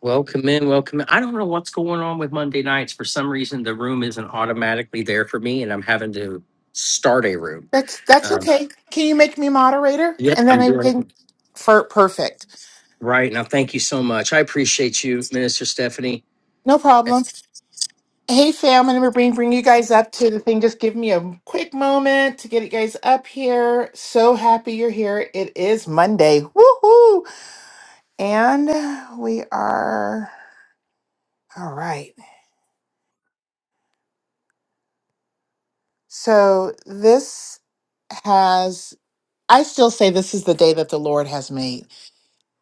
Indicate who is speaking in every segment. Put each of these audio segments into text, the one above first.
Speaker 1: Welcome in, welcome in. I don't know what's going on with Monday nights. For some reason, the room isn't automatically there for me, and I'm having to start a room.
Speaker 2: That's that's
Speaker 1: Um,
Speaker 2: okay. Can you make me moderator?
Speaker 1: yep,
Speaker 2: And then
Speaker 1: I'm
Speaker 2: I
Speaker 1: doing it
Speaker 2: can for perfect.
Speaker 1: right now. Thank you so much. I appreciate you, Minister Stephanie.
Speaker 2: No problem. Hey fam, I'm gonna bring bring you guys up to the thing. Just give me a quick moment to get you guys up here. So happy you're here. It is Monday. Woohoo! And we are all right. So this has I still say this is the day that the Lord has made.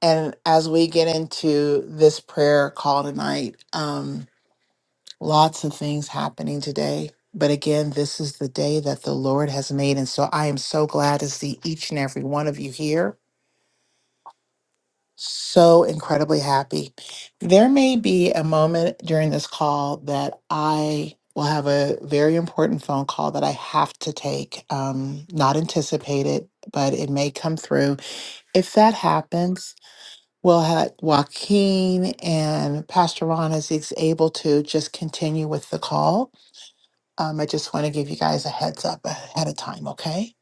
Speaker 2: And as we get into this prayer call tonight, um, Lots of things happening today. But again, this is the day that the Lord has made. And so I am so glad to see each and every one of you here. So incredibly happy. There may be a moment during this call that I will have a very important phone call that I have to take, um, not anticipated, but it may come through. If that happens, we'll have Joaquin and Pastor Ron is able to just continue with the call Um, I just want to give you guys a heads up ahead of time, okay?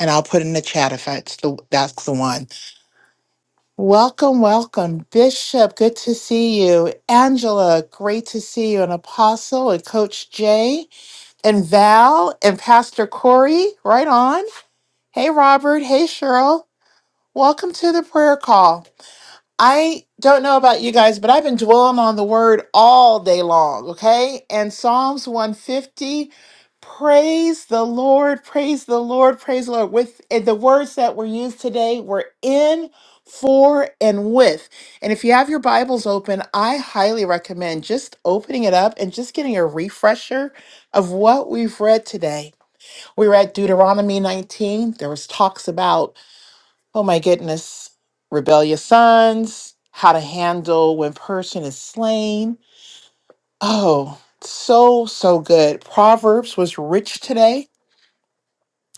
Speaker 2: And I'll put in the chat if that's the that's the one. Welcome, welcome, Bishop. Good to see you, Angela. Great to see you, and Apostle and Coach Jay and Val and Pastor Corey. Right on. Hey, Robert. Hey, Cheryl. Welcome to the prayer call. I don't know about you guys, but I've been dwelling on the word all day long, okay? And Psalms 150, praise the Lord, praise the Lord, praise the Lord. With eh, the words that were used today were in, for, and with. And if you have your Bibles open, I highly recommend just opening it up and just getting a refresher of what we've read today. We read Deuteronomy 19. There was talks about Oh my goodness. Rebellious sons, how to handle when person is slain. Oh, so, so good. Proverbs was rich today.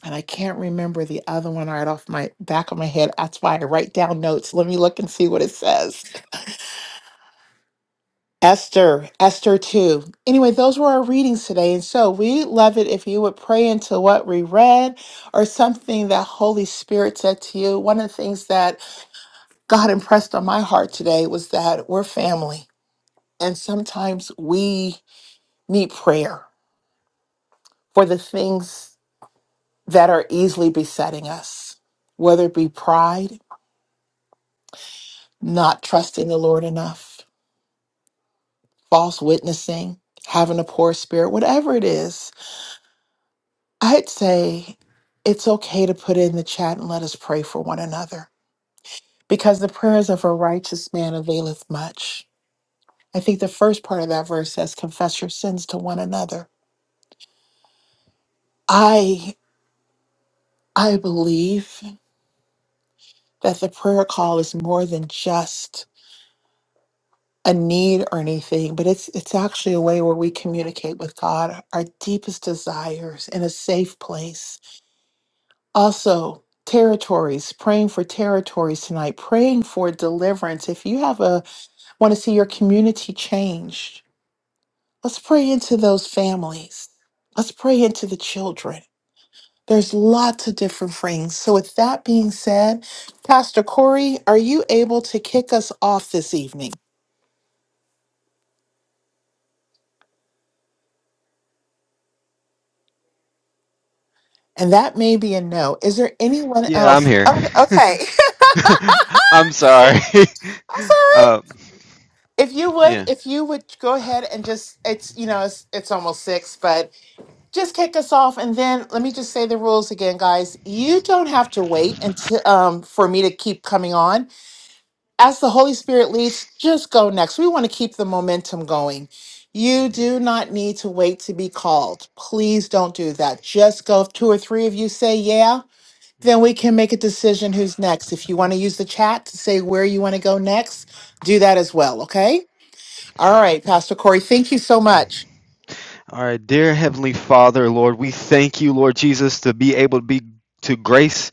Speaker 2: And I can't remember the other one right off my back of my head. That's why I write down notes. Let me look and see what it says. Esther, Esther 2. Anyway, those were our readings today. And so we love it if you would pray into what we read or something that Holy Spirit said to you. One of the things that God impressed on my heart today was that we're family. And sometimes we need prayer for the things that are easily besetting us, whether it be pride, not trusting the Lord enough, false witnessing, having a poor spirit, whatever it is. I'd say it's okay to put it in the chat and let us pray for one another because the prayers of a righteous man availeth much. I think the first part of that verse says, confess your sins to one another. I I believe that the prayer call is more than just a need or anything, but it's it's actually a way where we communicate with God our deepest desires in a safe place. Also, territories, praying for territories tonight, praying for deliverance. If you have a want to see your community changed, let's pray into those families. Let's pray into the children. There's lots of different things. So, with that being said, Pastor Corey, are you able to kick us off this evening? And that may be a no. Is there anyone
Speaker 3: Yeah, I'm
Speaker 2: else?
Speaker 3: here.
Speaker 2: Oh, Okay,
Speaker 3: I'm sorry.
Speaker 2: I'm sorry.
Speaker 3: uh,
Speaker 2: If you would,
Speaker 3: yeah.
Speaker 2: if you would go ahead and just, it's you know, it's it's almost six, but just kick us off, and then let me just say the rules again, guys. You don't have to wait until um for me to keep coming on. as the Holy Spirit leads, just go next. We want to keep the momentum going. You
Speaker 3: Mhm,
Speaker 2: do not need to wait to be called. Please don't do that. Just go. If two or three of you say, yeah,
Speaker 3: mhm,
Speaker 2: then we can make a decision who's next. If you want to use the chat to say where you want to go next, do that as well. Okay. All right, Pastor Corey, thank you so
Speaker 3: mhm.
Speaker 2: much.
Speaker 3: All right, dear Heavenly Father, Lord, we thank you, Lord Jesus, to be able to be to grace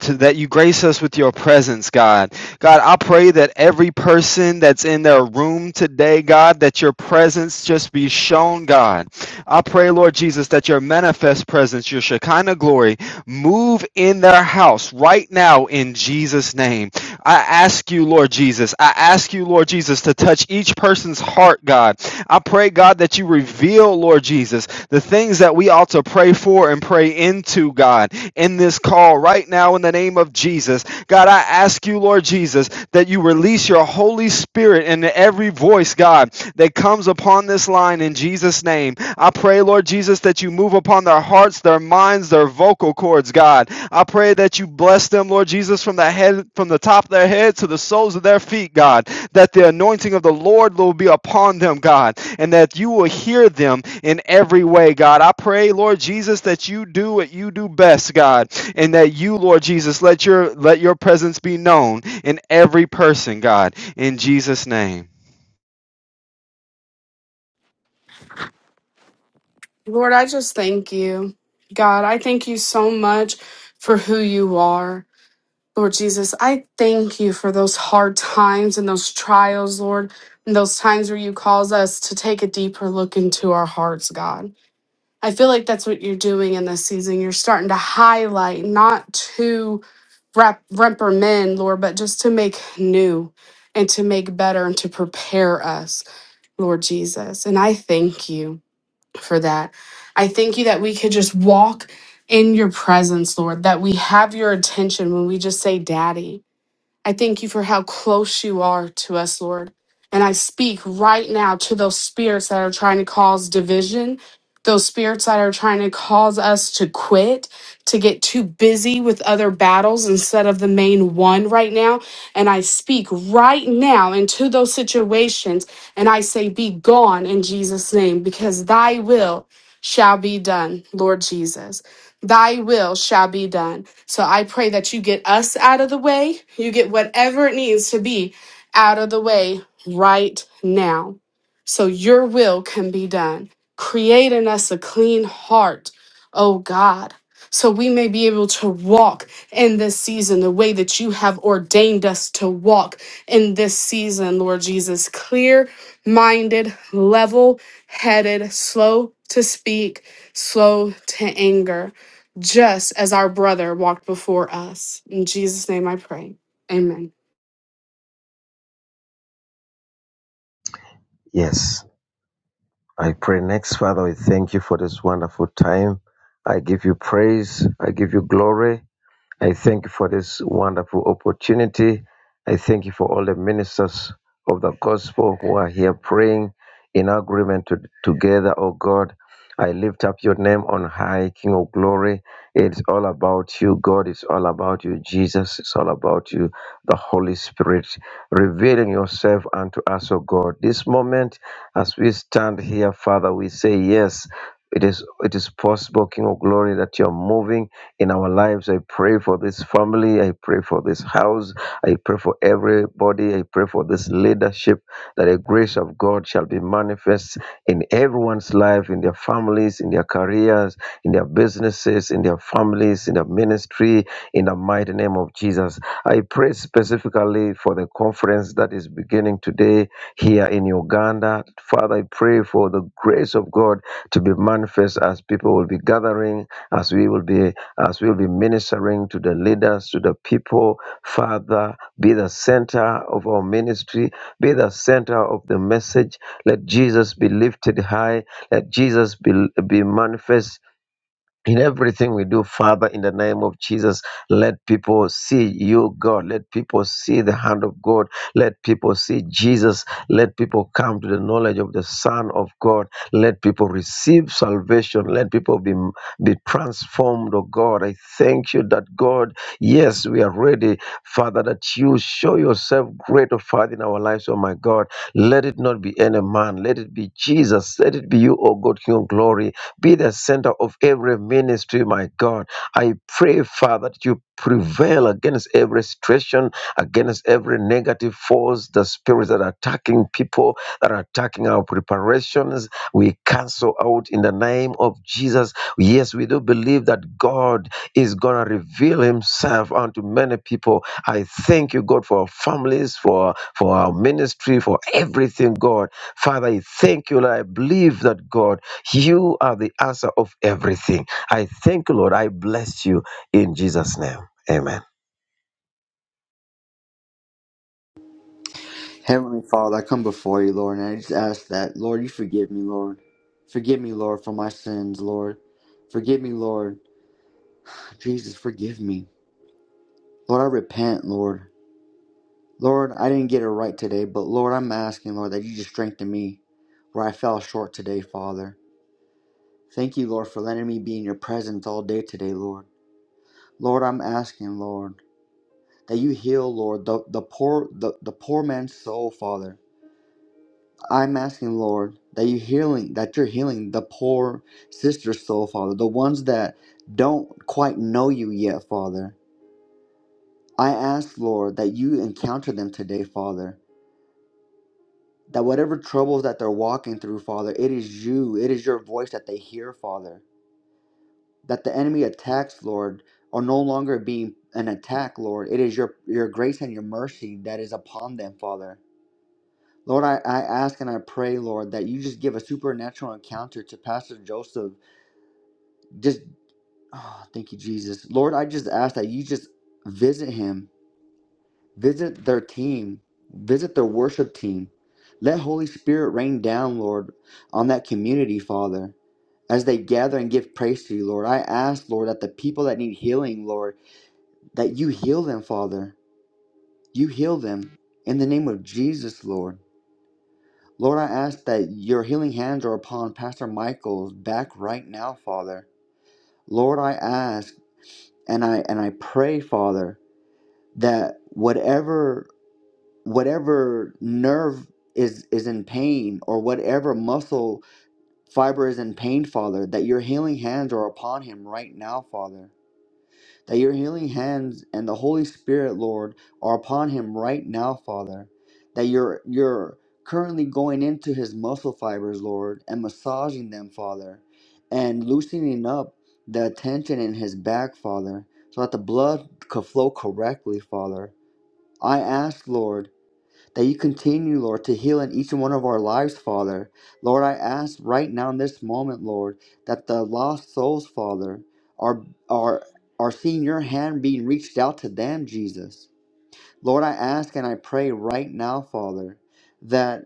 Speaker 3: to that you grace us with your presence god god i pray that every person that's in their room today god that your presence just be shown god i pray lord jesus that your manifest presence your shekinah glory move in their house right now in jesus name I ask you, Lord Jesus, I ask you, Lord Jesus, to touch each person's heart, God. I pray, God, that you reveal, Lord Jesus, the things that we ought to pray for and pray into, God, in this call right now in the name of Jesus. God, I ask you, Lord Jesus, that you release your Holy Spirit into every voice, God, that comes upon this line in Jesus' name. I pray, Lord Jesus, that you move upon the their hearts, their minds, their vocal cords, God. I pray that you bless them, Lord Jesus, from the head from the top of their head to the soles of their feet, God. That the anointing of the Lord will be upon them, God, and that you will hear them in every way, God. I pray, Lord Jesus, that you do what you do best, God, and that you, Lord Jesus, let your let your presence be known in every person, God. In Jesus' name.
Speaker 4: Lord, I just thank you. God, I thank you so much for who you are. Lord Jesus, I thank you for those hard times and those trials, Lord, and those times where you cause us to take a deeper look into our hearts, God. I feel like that's what you're doing in this season. You're starting to highlight, not to rep- reprimand, Lord, but just to make new and to make better and to prepare us, Lord Jesus. And I thank you for that. I thank you that we could just walk in your presence, Lord, that we have your attention when we just say, Daddy. I thank you for how close you are to us, Lord. And I speak right now to those spirits that are trying to cause division, those spirits that are trying to cause us to quit, to get too busy with other battles instead of the main one right now. And I speak right now into those situations and I say, Be gone in Jesus' name, because thy will shall be done, Lord Jesus thy will shall be done. So I pray that you get us out of the way. You get whatever it needs to be out of the way right now. So your will can be done. Create in us a clean heart, oh God, so we may be able to walk in this season the way that you have ordained us to walk in this season, Lord Jesus. Clear minded, level headed, slow to speak, slow to anger just as our brother walked before us. In Jesus' name I pray. Amen.
Speaker 5: Yes, I pray next, Father, we thank you for this wonderful time. I give you praise. I give you glory. I thank you for this wonderful opportunity. I thank you for all the ministers of the gospel who are here praying in agreement to, together, oh God. I lift up your name on high, King of glory. It's all about you, God. It's all about you, Jesus. It's all about you, the Holy Spirit, revealing yourself unto us, oh God. This moment, as we stand here, Father, we say yes. It is it is possible, King of Glory, that you're moving in our lives. I pray for this family. I pray for this house. I pray for everybody. I pray for this leadership that the grace of God shall be manifest in everyone's life, in their families, in their careers, in their businesses, in their families, in their ministry, in the mighty name of Jesus. I pray specifically for the conference that is beginning today here in Uganda. Father, I pray for the grace of God to be manifest as people will be gathering, as we will be, as we will be ministering to the leaders, to the people. Father, be the center of our ministry, be the center of the message. Let Jesus be lifted high. Let Jesus be, be manifest in everything we do, Father, in the name of Jesus, let people see you, God. Let people see the hand of God. Let people see Jesus. Let people come to the knowledge of the Son of God. Let people receive salvation. Let people be, be transformed, oh God. I thank you that, God, yes, we are ready, Father, that you show yourself great, oh Father, in our lives, oh my God. Let it not be any man. Let it be Jesus. Let it be you, oh God, King of glory. Be the center of every ministry, my God. I pray, Father, that you prevail against every situation, against every negative force, the spirits that are attacking people, that are attacking our preparations. We cancel out in the name of Jesus. Yes, we do believe that God is going to reveal himself unto many people. I thank you, God, for our families, for, for our ministry, for everything, God. Father, I thank you, Lord. I believe that, God. You are the answer of everything. I thank you, Lord. I bless you in Jesus' name. Amen.
Speaker 6: Heavenly Father, I come before you, Lord, and I just ask that, Lord, you forgive me, Lord. Forgive me, Lord, for my sins, Lord. Forgive me, Lord. Jesus, forgive me. Lord, I repent, Lord. Lord, I didn't get it right today, but Lord, I'm asking, Lord, that you just strengthen me where I fell short today, Father. Thank you, Lord, for letting me be in your presence all day today, Lord. Lord, I'm asking, Lord, that you heal, Lord, the, the poor the, the poor man's soul, Father. I'm asking, Lord, that you healing, that you're healing the poor sister's soul, Father, the ones that don't quite know you yet, Father. I ask, Lord, that you encounter them today, Father. That whatever troubles that they're walking through, Father, it is you, it is your voice that they hear, Father. That the enemy attacks, Lord, are no longer being an attack, Lord. It is your your grace and your mercy that is upon them, Father. Lord, I, I ask and I pray, Lord, that you just give a supernatural encounter to Pastor Joseph Just oh, thank you, Jesus. Lord, I just ask that you just visit him, visit their team, visit their worship team. Let Holy Spirit rain down, Lord, on that community, Father. As they gather and give praise to you, Lord, I ask, Lord, that the people that need healing, Lord, that you heal them, Father. You heal them in the name of Jesus, Lord. Lord, I ask that your healing hands are upon Pastor Michael's back right now, Father. Lord, I ask and I and I pray, Father. that whatever whatever nerve is is in pain or whatever muscle fiber is in pain father that your healing hands are upon him right now father that your healing hands and the holy spirit lord are upon him right now father that you're you're currently going into his muscle fibers lord and massaging them father and loosening up the tension in his back father so that the blood could flow correctly father I ask, Lord, that you continue, Lord, to heal in each and one of our lives, Father. Lord, I ask right now in this moment, Lord, that the lost souls, Father, are are are seeing your hand being reached out to them, Jesus. Lord, I ask and I pray right now, Father, that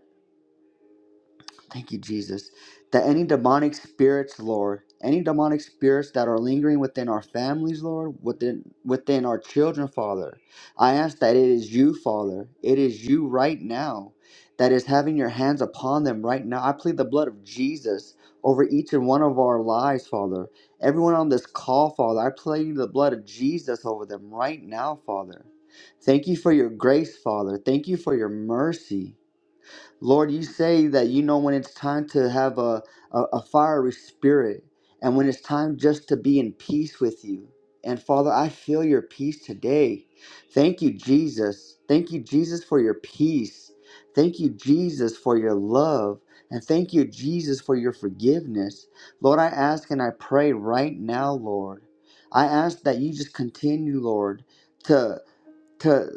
Speaker 6: Thank you, Jesus. That any demonic spirits, Lord, any demonic spirits that are lingering within our families, Lord, within within our children, Father, I ask that it is you, Father. It is you right now that is having your hands upon them right now. I plead the blood of Jesus over each and one of our lives, Father. Everyone on this call, Father, I plead the blood of Jesus over them right now, Father. Thank you for your grace, Father. Thank you for your mercy. Lord, you say that you know when it's time to have a, a, a fiery spirit and when it's time just to be in peace with you. And Father, I feel your peace today. Thank you, Jesus. Thank you, Jesus, for your peace. Thank you, Jesus, for your love. And thank you, Jesus, for your forgiveness. Lord, I ask and I pray right now, Lord. I ask that you just continue, Lord, to. to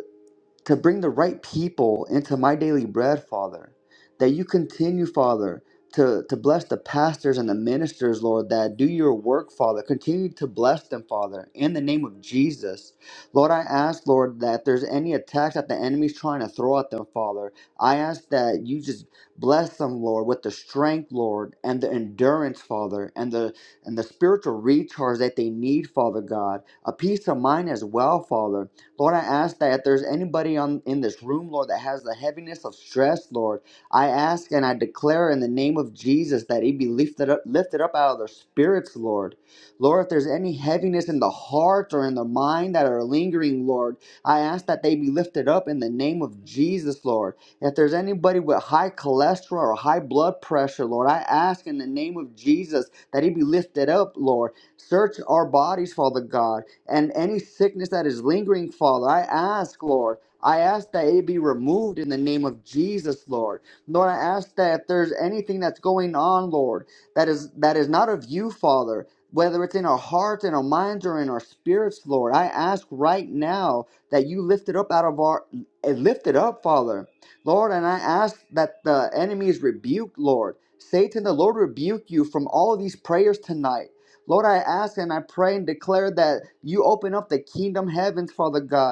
Speaker 6: to bring the right people into my daily bread, Father. That you continue, Father, to, to bless the pastors and the ministers, Lord, that do your work, Father. Continue to bless them, Father, in the name of Jesus. Lord, I ask, Lord, that if there's any attacks that the enemy's trying to throw at them, Father, I ask that you just bless them, Lord, with the strength, Lord, and the endurance, Father, and the and the spiritual recharge that they need, Father God. A peace of mind as well, Father Lord, I ask that if there's anybody on in this room, Lord, that has the heaviness of stress, Lord, I ask and I declare in the name of Jesus that He be lifted up, lifted up out of their spirits, Lord. Lord, if there's any heaviness in the heart or in the mind that are lingering, Lord, I ask that they be lifted up in the name of Jesus, Lord. If there's anybody with high cholesterol or high blood pressure, Lord, I ask in the name of Jesus that he be lifted up, Lord. Search our bodies, Father God and any sickness that is lingering, Father, I ask, Lord, I ask that it be removed in the name of Jesus, Lord. Lord, I ask that if there's anything that's going on, Lord, that is that is not of you, Father, whether it's in our hearts, in our minds, or in our spirits, Lord, I ask right now that you lift it up out of our eh, lift it up, Father. Lord, and I ask that the enemy is rebuked, Lord. Satan, the Lord rebuke you from all of these prayers tonight. Lord, I ask and I pray and declare that you open up the kingdom heavens, Father God.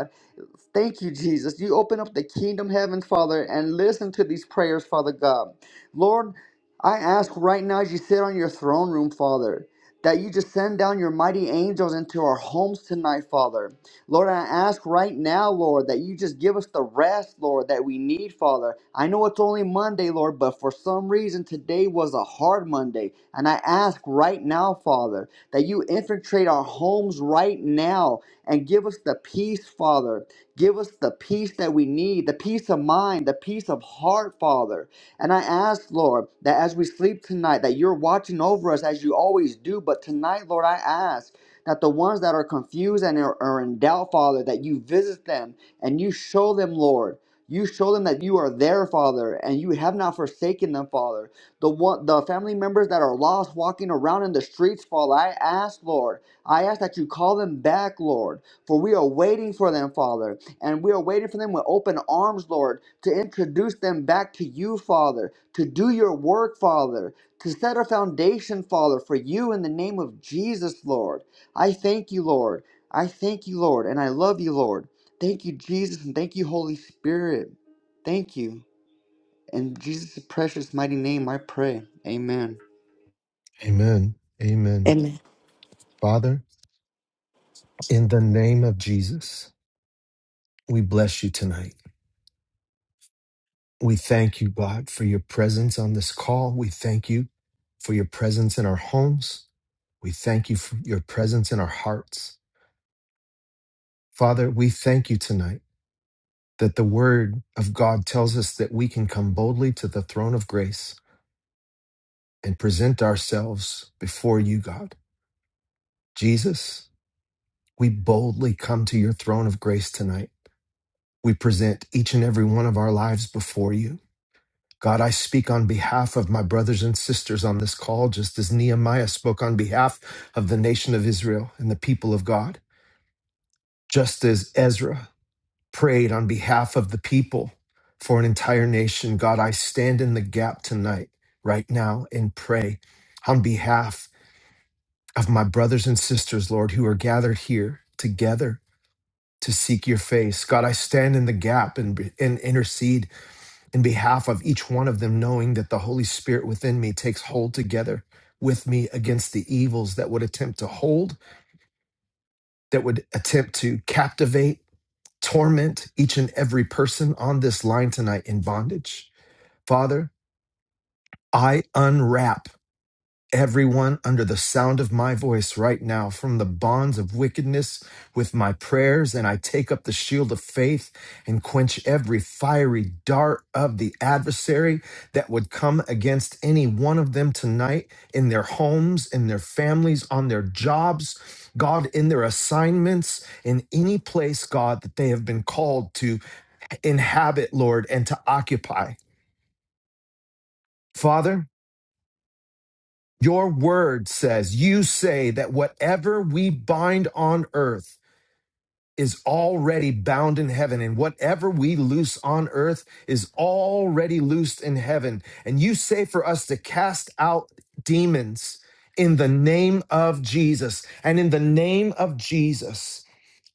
Speaker 6: Thank you, Jesus. You open up the kingdom heaven, Father, and listen to these prayers, Father God. Lord, I ask right now as you sit on your throne room, Father, that you just send down your mighty angels into our homes tonight, Father. Lord, I ask right now, Lord, that you just give us the rest, Lord, that we need, Father. I know it's only Monday, Lord, but for some reason today was a hard Monday. And I ask right now, Father, that you infiltrate our homes right now and give us the peace, Father. Give us the peace that we need, the peace of mind, the peace of heart, Father. And I ask, Lord, that as we sleep tonight, that you're watching over us as you always do. But tonight, Lord, I ask that the ones that are confused and are, are in doubt, Father, that you visit them and you show them, Lord. You show them that you are there, Father, and you have not forsaken them, Father. The one, the family members that are lost walking around in the streets, Father, I ask, Lord, I ask that you call them back, Lord, for we are waiting for them, Father. And we are waiting for them with open arms, Lord, to introduce them back to you, Father, to do your work, Father, to set a foundation, Father, for you in the name of Jesus, Lord. I thank you, Lord. I thank you, Lord, and I love you, Lord. Thank you, Jesus, and thank you, Holy Spirit. Thank you. In Jesus' precious mighty name, I pray. Amen.
Speaker 7: Amen. Amen.
Speaker 8: Amen.
Speaker 7: Father, in the name of Jesus, we bless you tonight. We thank you, God, for your presence on this call. We thank you for your presence in our homes. We thank you for your presence in our hearts. Father, we thank you tonight that the word of God tells us that we can come boldly to the throne of grace and present ourselves before you, God. Jesus, we boldly come to your throne of grace tonight We present each and every one of our lives before you. God, I speak on behalf of my brothers and sisters on this call, just as Nehemiah spoke on behalf of the nation of Israel and the people of God, just as Ezra prayed on behalf of the people for an entire nation. God, I stand in the gap tonight, right now, and pray on behalf of my brothers and sisters, Lord, who are gathered here together to seek your face. God, I stand in the gap and, and intercede in behalf of each one of them, knowing that the Holy Spirit within me takes hold together with me against the evils that would attempt to hold, that would attempt to captivate, torment each and every person on this line tonight in bondage. Father, I unwrap everyone under the sound of my voice right now from the bonds of wickedness with my prayers, and I take up the shield of faith and quench every fiery dart of the adversary that would come against any one of them tonight in their homes, in their families, on their jobs, God, in their assignments, in any place, God, that they have been called to inhabit, Lord, and to occupy. Father, Your word says, you say that whatever we bind on earth is already bound in heaven, and whatever we loose on earth is already loosed in heaven. And you say for us to cast out demons in the name of Jesus. And in the name of Jesus,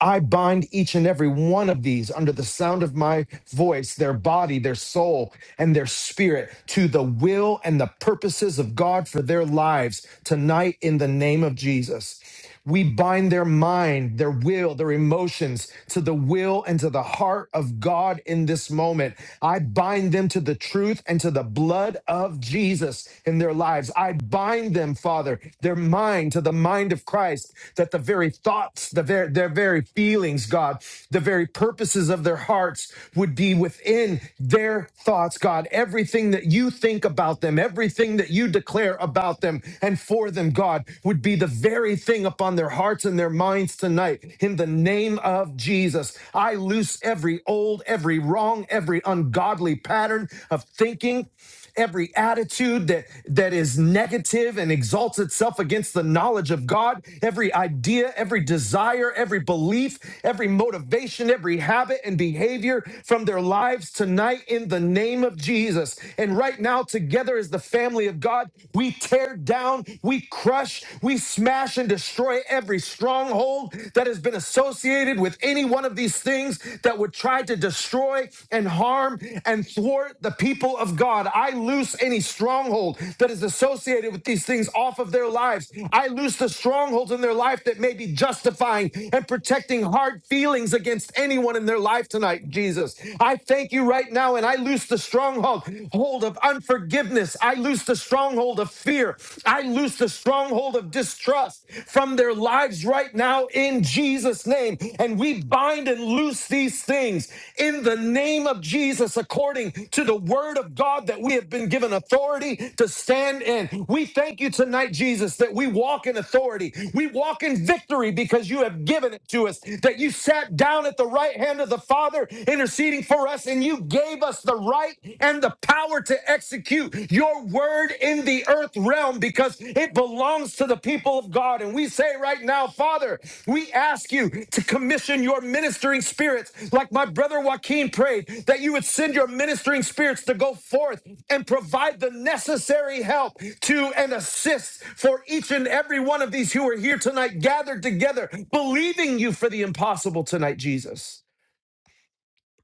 Speaker 7: I bind each and every one of these under the sound of my voice, their body, their soul, and their spirit to the will and the purposes of God for their lives tonight in the name of Jesus. We bind their mind, their will, their emotions to the will and to the heart of God in this moment. I bind them to the truth and to the blood of Jesus in their lives. I bind them, Father, their mind to the mind of Christ, that the very thoughts, the ver- their very feelings, God, the very purposes of their hearts would be within their their thoughts, God, everything that you think about them, everything that you declare about them and for them, God, would be the very thing upon their hearts and their minds tonight. In the name of Jesus, I loose every old, every wrong, every ungodly pattern of thinking every attitude that, that is negative and exalts itself against the knowledge of God, every idea, every desire, every belief, every motivation, every habit and behavior from their lives tonight in the name of Jesus. And right now, together as the family of God, we tear down, we crush, we smash and destroy every stronghold that has been associated with any one of these things things that would try to destroy and harm and thwart the people of God. I loose any stronghold that is associated with these things off of their lives. I loose the strongholds in their life that may be justifying and protecting hard feelings against anyone in their life tonight, Jesus. I thank you right now, and I loose the stronghold hold of unforgiveness. I loose the stronghold of fear. I loose the stronghold of distrust trust from their lives right now in Jesus' name. And we bind and loose these things in the name of Jesus, according to the word of God that we have been given authority to stand in. We thank you tonight, Jesus, that we walk in authority. We walk in victory because you have given it to us, that you sat down at the right hand of the Father, interceding for us, and you gave us the right and the power to exercise execute your word in the earth realm because it belongs to the people of God. And we say right now, Father, we ask you to commission your ministering spirits, like my brother Joaquin prayed, that you would send your ministering spirits to go forth and provide the necessary help to and assist for each and every one of these who are here tonight, gathered together, believing you for the impossible tonight, Jesus.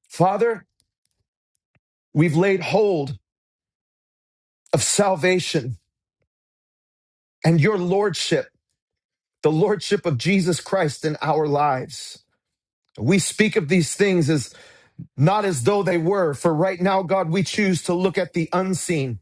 Speaker 7: Father, we've laid hold of salvation and your lordship. the lordship of Jesus Christ in our lives. We speak of these things as not as though they were, for right now, God, we choose to look at the unseen.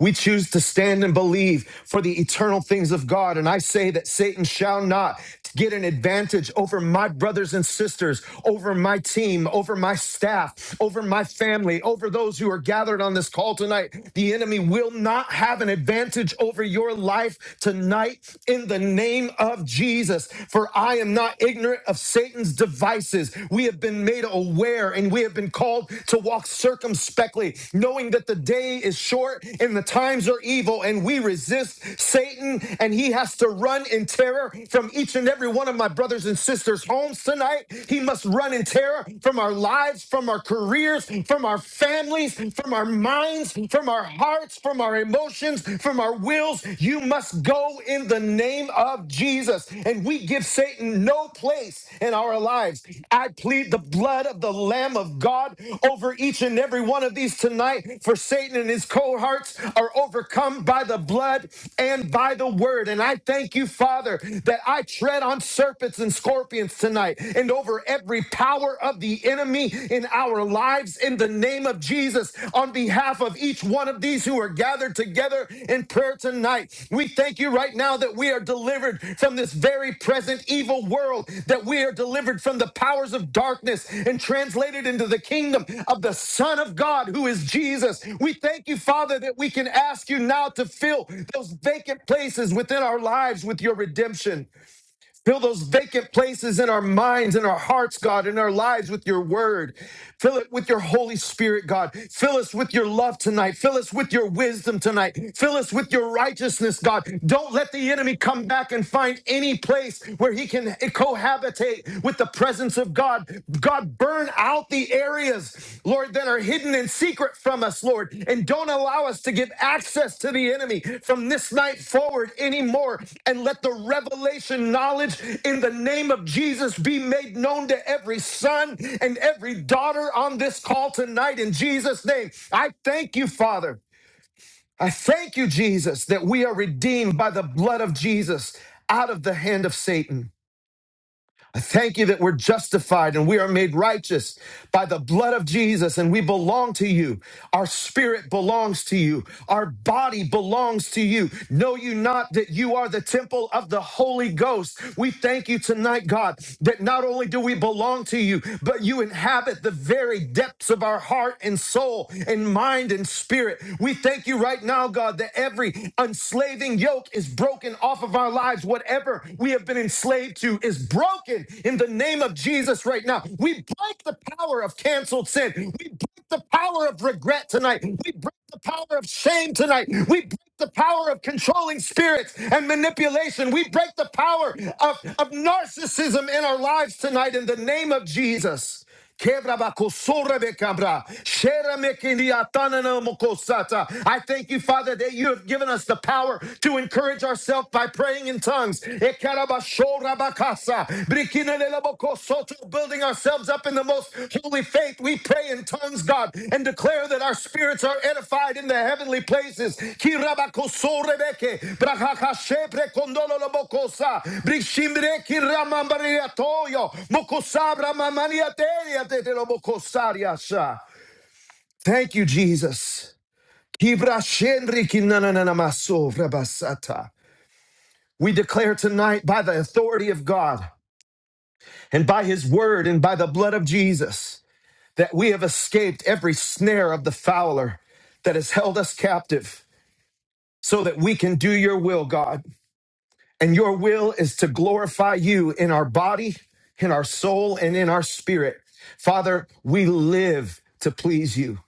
Speaker 7: We choose to stand and believe for the eternal things of God. And I say that Satan shall not get an advantage over my brothers and sisters, over my team, over my staff, over my family, over those who are gathered on this call tonight. The enemy will not have an advantage over your life tonight in the name of Jesus. For I am not ignorant of Satan's devices. We we have been made aware and we have been called to walk circumspectly, knowing that the day is short and the times are evil, and we resist Satan, and he has to run in terror from each and every one of my brothers and sisters' homes tonight. He must run in terror from our lives, from our careers, from our families, from our minds, from our hearts, from our emotions, from our wills. You must must go in the name of Jesus, and we give Satan no place in our lives. I plead the blood of the Lamb of God over each and every one of these tonight, for Satan and his cohorts are overcome by the blood and by the word. And I thank you, Father, that I tread on serpents and scorpions tonight and over every power of the enemy in our lives lives in the name of Jesus on behalf of each one of these who are gathered together in prayer tonight. We thank you right now that we are delivered from this very present evil world, that we are delivered from the powers of darkness and translated into the kingdom of the Son of God, who is Jesus. We thank you, Father, that we can ask you now to fill those vacant places within our lives with your redemption. Fill those vacant places in our minds, in our hearts, God, in our lives with your word. Fill it with your Holy Spirit, God. Fill us with your love tonight. Fill us with your wisdom tonight. Fill us with your righteousness, God. Don't let the enemy come back and find any place where he can cohabitate with the presence of God. God, burn out out the areas, Lord, that are hidden in secret from us, Lord, and don't allow us to give access to the enemy from this night forward anymore. And let the revelation knowledge in the name of Jesus be made known to every son and every daughter on this call tonight in Jesus' name. I thank you, Father. I thank you, Jesus, that we are redeemed by the blood of Jesus out of the hand of Satan. I thank you that we're justified and we are made righteous by the blood of Jesus and we belong to you. Our spirit belongs to you. Our body belongs to you. Know you not that you are the temple of the Holy Ghost. We thank you tonight, God, that not only do we belong to you, but you inhabit the very depths of our heart and soul and mind and spirit. We thank you right now, God, that every enslaving yoke is broken off off of our lives. Whatever we have been enslaved to is broken in the name of Jesus right now. We break the power of canceled sin. We break the power of regret tonight. We break the power of shame tonight. We break the power of controlling spirits and manipulation. We break the power of, of narcissism in our lives tonight in the name of Jesus. I thank you, Father, that you have given us the power to encourage ourselves by praying in tongues. Building ourselves up in the most holy faith we pray in tongues, God, and declare that our spirits are edified in the heavenly places. Thank you, Jesus. We declare tonight by the authority of God and by his word and by the blood of Jesus that we have escaped every snare of the fowler that has held us captive so that we can do your will, God. And your will is to glorify you in our body, in our soul, and in our spirit. Father, we live to please you.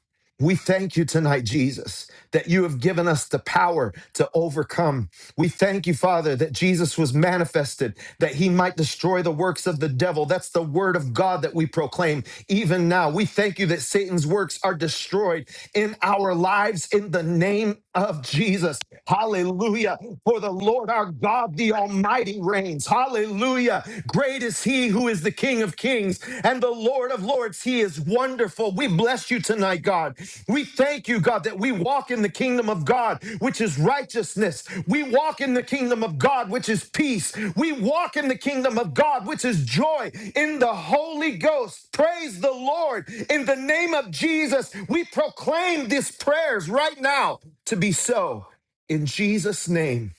Speaker 7: We thank you tonight, Jesus, that you have given us the power to overcome. We thank you, Father, that Jesus was manifested, that he might destroy the works of the devil. That's the word of God that we proclaim even now. We thank you that Satan's works are destroyed in our lives in the name of Jesus. Hallelujah. For the Lord our God, the Almighty reigns. Hallelujah. Great is is he who is the King of Kings and the Lord of Lords. He is wonderful. We bless you tonight, God. We thank you, God, that we walk in the kingdom of God, which is righteousness. We walk in the kingdom of God, which is peace. We walk in the kingdom of God, which is joy in the Holy Ghost. Praise the Lord. In the name of Jesus, we proclaim these prayers right now to be so. In Jesus' name,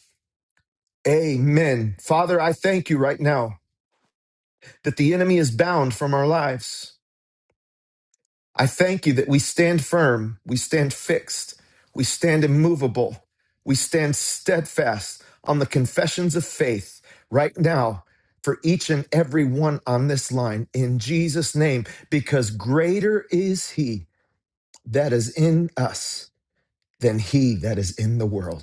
Speaker 7: amen. Father, I thank you right now that the enemy is bound from our lives. I thank you that we stand firm, we stand fixed, we stand immovable, we stand steadfast on the confessions of faith right now for each and every one on this line in Jesus' name, because greater is He that is in us than He that is in the world.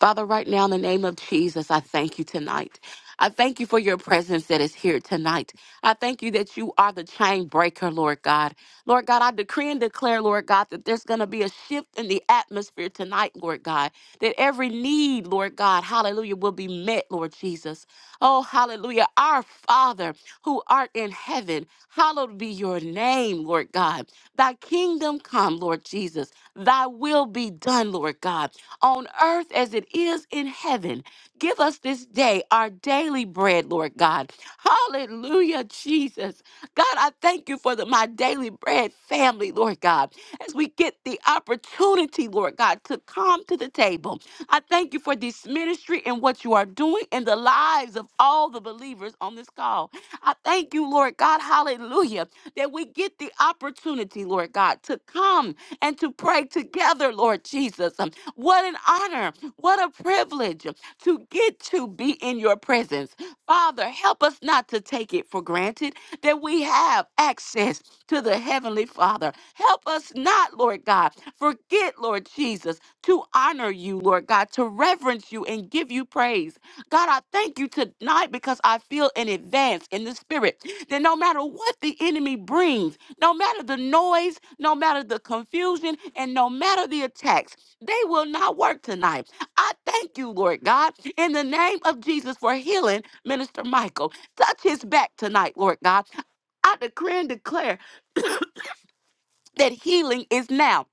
Speaker 8: Father, right now, in the name of Jesus, I thank you tonight. I thank you for your presence that is here tonight. I thank you that you are the chain breaker, Lord God. Lord God, I decree and declare, Lord God, that there's going to be a shift in the atmosphere tonight, Lord God, that every need, Lord God, hallelujah, will be met, Lord Jesus. Oh, hallelujah. Our Father who art in heaven, hallowed be your name, Lord God. Thy kingdom come, Lord Jesus. Thy will be done, Lord God. on earth as it is in heaven. Give us this day our daily bread, Lord God. Hallelujah, Jesus. God, I thank you for the my daily bread family, Lord God. As we get the opportunity, Lord God, to come to the table. I thank you for this ministry and what you are doing in the lives of all the believers on this call. I thank you, Lord God, hallelujah, that we get the opportunity, Lord God, to come and to pray together, Lord Jesus. What an honor. What a privilege to get to be in your presence. Father, help us not to take it for granted that we have access to the Heavenly Father. Help us not, Lord God, forget, Lord Jesus, to honor you, Lord God, to reverence you and give you praise. God, I thank you tonight because I feel in advance in the spirit that no matter what the enemy brings, no matter the noise, no matter the confusion, and no matter the attacks, they will not work tonight. I thank you, Lord God, in the name of Jesus for healing Minister Michael. Touch his back tonight, Lord God. I decree and declare that healing is now.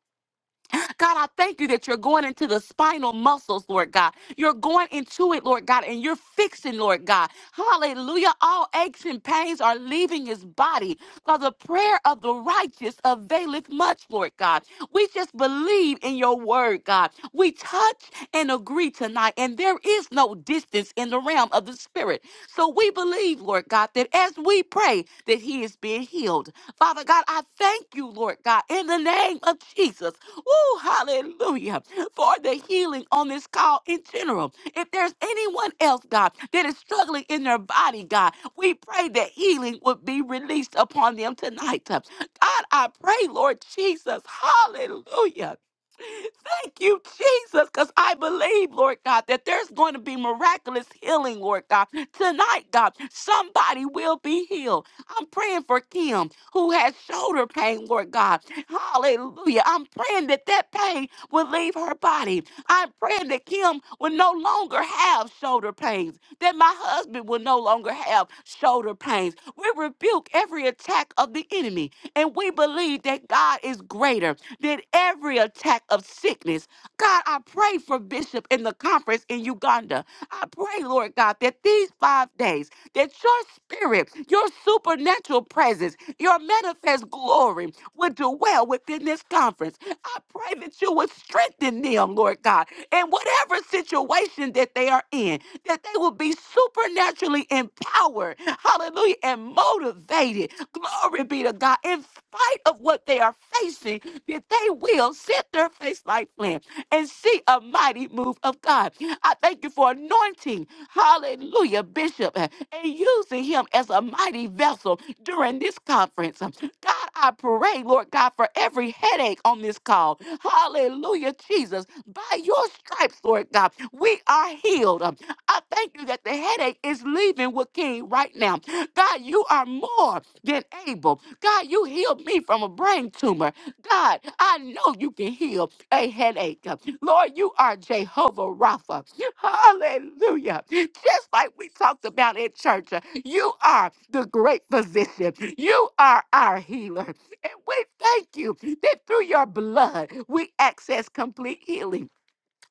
Speaker 8: God, I thank you that you're going into the spinal muscles, Lord God. You're going into it, Lord God, and you're fixing, Lord God. Hallelujah. All aches and pains are leaving his body. For the prayer of the righteous availeth much, Lord God. We just believe in your word, God. We touch and agree tonight, and there is no distance in the realm of the spirit. So we believe, Lord God, that as we pray, that he is being healed. Father God, I thank you, Lord God, in the name of Jesus. Woo, hallelujah. For the healing on this call in general. If there's anyone else, God, that is struggling in their body, God, we pray that healing would be released upon them tonight. God, I pray, Lord Jesus, hallelujah. Thank you, Jesus, because I believe, Lord God, that there's going to be miraculous healing, Lord God. Tonight, God, somebody will be healed. I'm praying for Kim who has shoulder pain, Lord God. Hallelujah. I'm praying that that pain will leave her body. I'm praying that Kim will no longer have shoulder pains, that my husband will no longer have shoulder pains. We rebuke every attack of the enemy, and we believe that God is greater than every attack of sickness. God, I pray for Bishop in the conference in Uganda. I pray, Lord God, that these five days, that your spirit, your supernatural presence, your manifest glory would dwell within this conference. I pray that you would strengthen them, Lord God, in whatever situation that they are in, that they will be supernaturally empowered, hallelujah, and motivated. Glory be to God. In spite of what they are facing, that they will set their face like flint and see a mighty move of God. I thank you for anointing, hallelujah, Bishop, and using him as a mighty vessel during this conference. God, I pray, Lord God, for every headache on this call. Hallelujah, Jesus. By your stripes, Lord God, we are healed. Um, I thank you that the headache is leaving with King right now. God, you are more than able. God, you healed me from a brain tumor. God, I know you can heal a headache. Lord, you are Jehovah Rapha. Hallelujah. Just like we talked about in church, you are the great physician. You are our healer. And we thank you that through your blood, we access complete healing.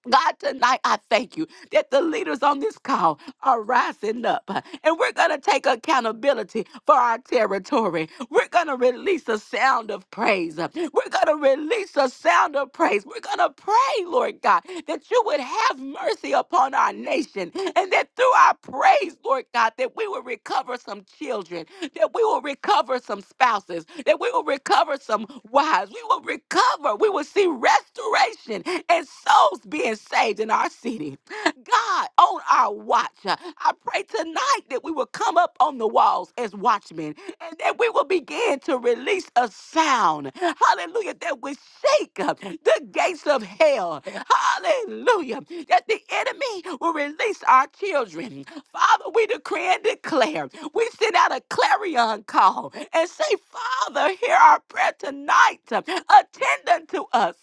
Speaker 8: God, tonight I thank you that the leaders on this call are rising up. uh, And we're going to take accountability for our territory. We're going to release a sound of praise. uh, We're going to release a sound of praise. We're going to pray, Lord God, that you would have mercy upon our nation and that through our praise, Lord God, that we will recover some children, that we will recover some spouses, that we will recover some wives. We will recover. We will see restoration and souls being saved in our city. God on our watch. uh, I pray tonight that we will come up on the walls as watchmen and that we will begin to release a sound. Hallelujah. That will shake up the gates of hell. Hallelujah. That the enemy will release our children. Father, we decree and declare. We send out a clarion call and say, Father, hear our prayer tonight. Attend unto us.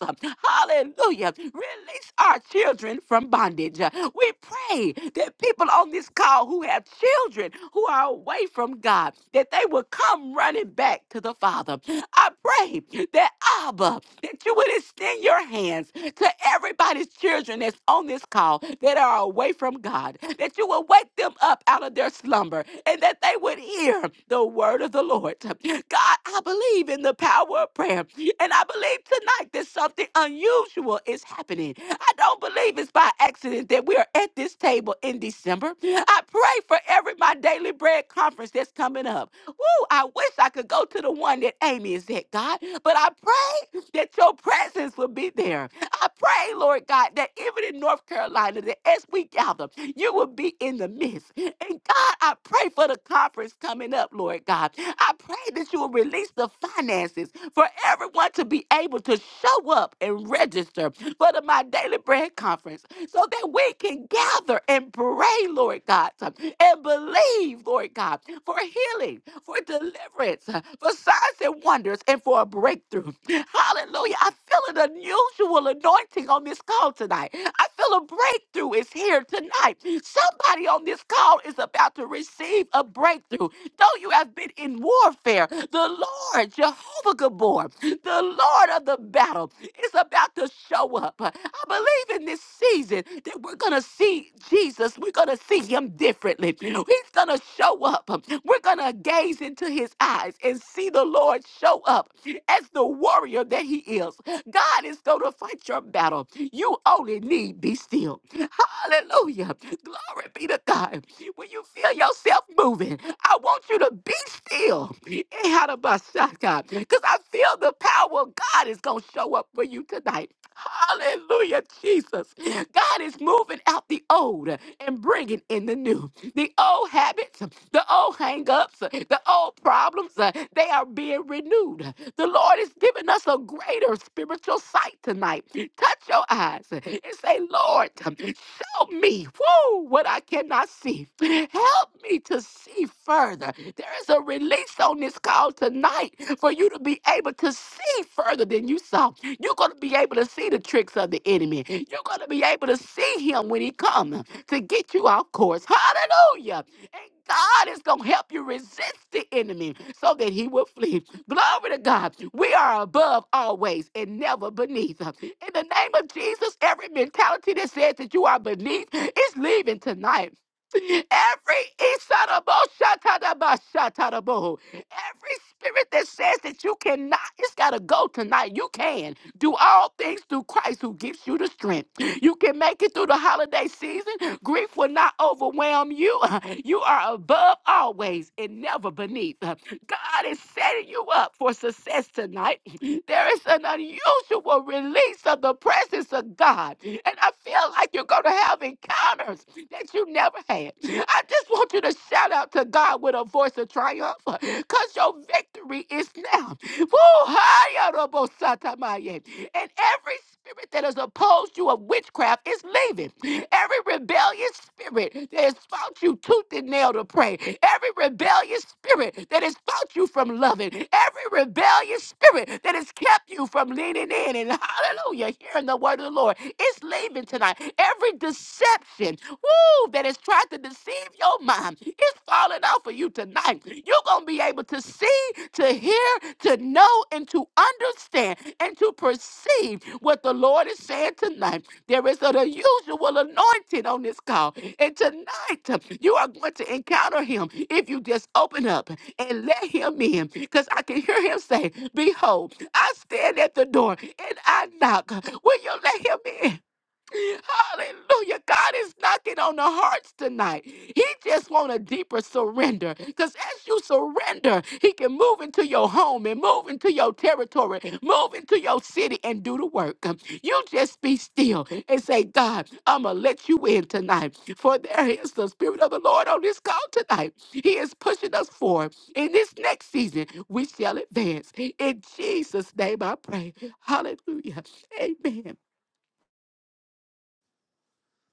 Speaker 8: Hallelujah. Release our children from bondage. Uh, We pray that people on this call who have children who are away from God, that they will come running back to the Father. I pray that Abba, that you would extend your hands to everybody's children that's on this call that are away from God, that you will wake them up out of their slumber and that they would hear the word of the Lord. God, I believe in the power of prayer. And I believe tonight that something unusual is happening. I don't believe it's by accident that we are at this table in December. I pray for every My Daily Bread conference that's coming up. Woo, I wish I could go to the one that Amy is at, God, but I pray that your presence will be there. I pray, Lord God, that even in North Carolina, that as we gather, you will be in the midst. And God, I pray for the conference coming up, Lord God. I pray that you will release the finances for everyone to be able to show up and register for the My Daily Bread Conference so that we can gather and pray, Lord God, and believe, Lord God, for healing, for deliverance, for signs and wonders, and for a breakthrough. Hallelujah. I feel an unusual anointing on this call tonight. I feel a breakthrough is here tonight. Somebody on this call is about to receive a breakthrough. Though you have been in warfare, the Lord, Jehovah Gabor, the Lord of the battle, is about to show up. I believe in this season that we're going to see Jesus. We're going to see him differently. He's going to show up. We're going to gaze into his eyes and see the Lord show up as the warrior that he is. God is going to fight your battle. You only need be still. Hallelujah. Glory be to God. When you feel yourself moving, I want you to be still. Because I feel the power of God is going to show up for you tonight. Hallelujah, Jesus. God is moving out the old and bringing in the new. The old habits, the old hang-ups, the old problems, uh, they are being renewed. The Lord is giving us a greater spiritual sight tonight. Touch your eyes and say, Lord, show me woo, what I cannot see. Help me to see further. There is a release on this call tonight for you to be able to see further than you saw. You're going to be able to see the tricks of the enemy. You're going to be able to see him when he comes to get you off course. Hallelujah. And God is going to help you resist the enemy so that he will flee. Glory to God. We are above always and never beneath. In the name of Jesus, every mentality that says that you are beneath is leaving tonight. Every Isarabo-shatadaba-shatadabo, every spirit that says that you cannot, it's got to go tonight. You can. Do all things through Christ who gives you the strength. You can make it through the holiday season. Grief will not overwhelm you. You are above always and never beneath. God is setting you up for success tonight. There is an unusual release of the presence of God. And I feel like you're going to have encounters that you never had. I just want you to shout out to God with a voice of triumph because your victory is now. Woo! Hi, Adobosatamaye. And every spirit that is opposed you of witchcraft is leaving. Every rebellious spirit that has fought you tooth and nail to pray. Every rebellious spirit that has fought you from loving. Every rebellious spirit that has kept you from leaning in and hallelujah, hearing the word of the Lord. It's leaving tonight. Every deception, woo, that has tried to deceive your mind, it's falling off of you tonight life. You're going to be able to see, to hear, to know, and to understand and to perceive what the Lord is saying tonight. There is an unusual anointing on this call. And tonight, you are going to encounter him if you just open up and let him in. Because I can hear him say, Behold, I stand at the door and I knock. Will you let him in? Hallelujah. God is knocking on the hearts tonight. He just want a deeper surrender. Because as you surrender, he can move into your home and move into your territory, move into your city and do the work. You just be still and say, God, I'm going to let you in tonight. For there is the Spirit of the Lord on this call tonight. He is pushing us forward. In this next season, we shall advance. In Jesus' name I pray. Hallelujah. Amen.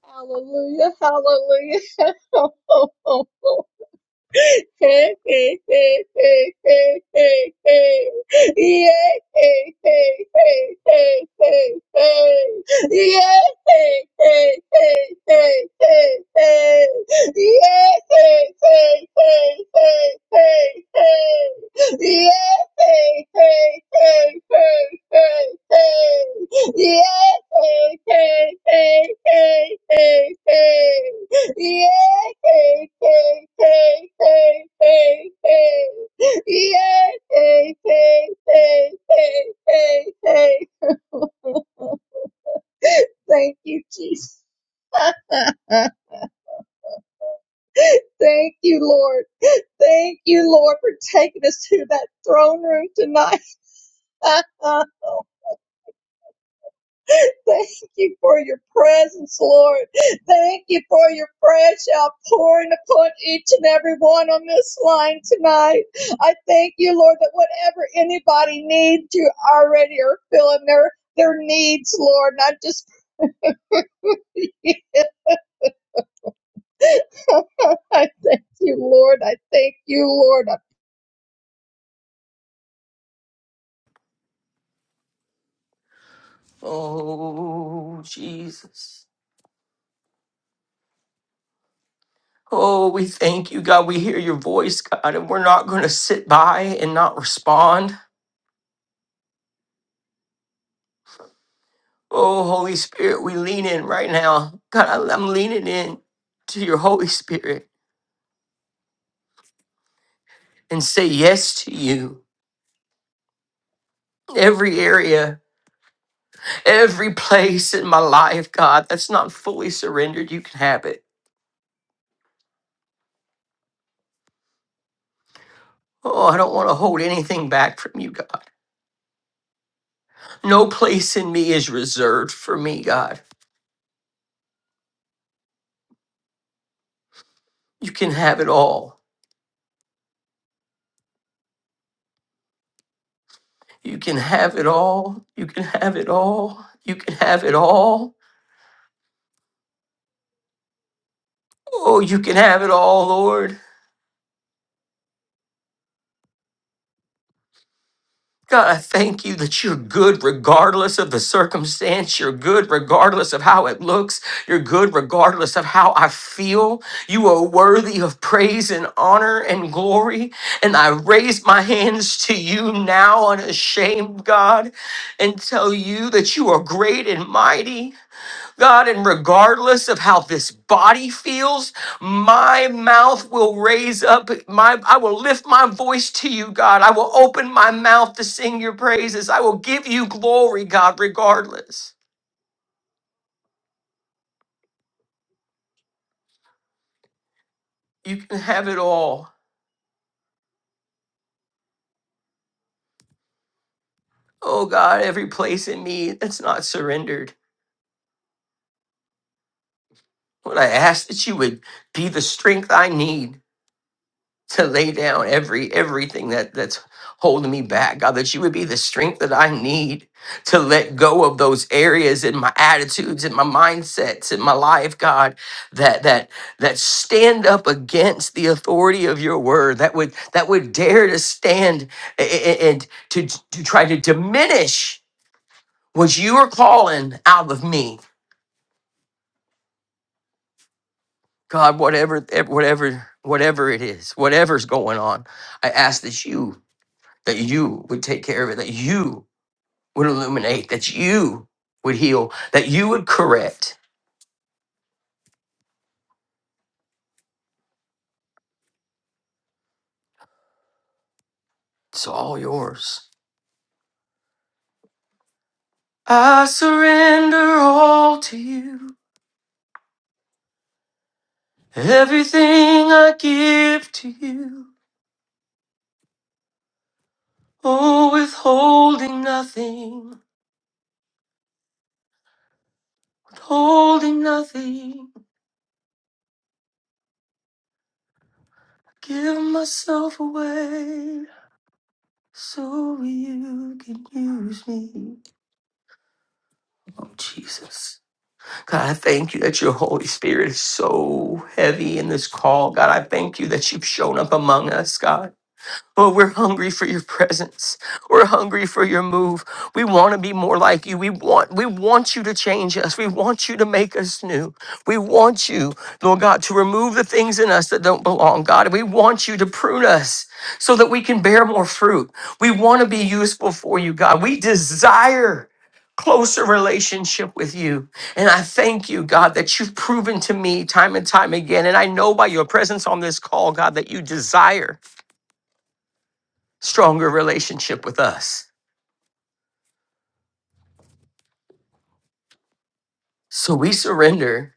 Speaker 9: Hallelujah, hallelujah. Yeah. Yeah, Yeah, hey, hey, hey, hey, hey, hey. Yeah, hey, hey, hey, hey, hey, hey. Thank you, Jesus. Thank you, Lord. Thank you, Lord, for taking us to that throne room tonight. Thank you for your presence, Lord. Thank you for your fresh outpouring upon each and every one on this line tonight. I thank you, Lord, that whatever anybody needs, you already are filling their their needs, Lord. And I just I thank you, Lord. I thank you, Lord. I
Speaker 1: Oh, Jesus. Oh, we thank you, God. We hear your voice, God, and we're not going to sit by and not respond. Oh, Holy Spirit, we lean in right now. God, I- I'm leaning in to your Holy Spirit and say yes to you. every area, every place in my life, God, that's not fully surrendered, you can have it. Oh, I don't want to hold anything back from you, God. No place in me is reserved for me, God. You can have it all. You can have it all. You can have it all. You can have it all. Oh, you can have it all, Lord. God, I thank you that you're good regardless of the circumstance. You're good regardless of how it looks. You're good regardless of how I feel. You are worthy of praise and honor and glory. And I raise my hands to you now, unashamed God, and tell you that you are great and mighty. God, and regardless of how this body feels, my mouth will raise up my I will lift my voice to you, God. I will open my mouth to sing your praises. I will give you glory, God, regardless. You can have it all. Oh God, every place in me that's not surrendered. Lord, I ask that you would be the strength I need. to lay down every everything that that's holding me back god that you would be the strength that i need to let go of those areas in my attitudes and my mindsets in my life god that that that stand up against the authority of your word that would that would dare to stand a- a- and to to try to diminish what you are calling out of me god whatever whatever whatever it is whatever's going on i ask that you that you would take care of it, that you would illuminate, that you would heal, that you would correct. It's all yours. I surrender all to you, everything I give to you. Oh, withholding nothing, withholding nothing. Give myself away so you can use me. Oh, Jesus. God, I thank you that your Holy Spirit is so heavy in this call. God, I thank you that you've shown up among us, God. Oh, we're hungry for your presence. We're hungry for your move. We want to be more like you. We want we want you to change us. We want you to make us new. We want you, Lord God, to remove the things in us that don't belong, God. We want you to prune us so that we can bear more fruit. We want to be useful for you, God. We desire closer relationship with you. And I thank you, God, that you've proven to me time and time again. And I know by your presence on this call, God, that you desire stronger relationship with us. So we surrender.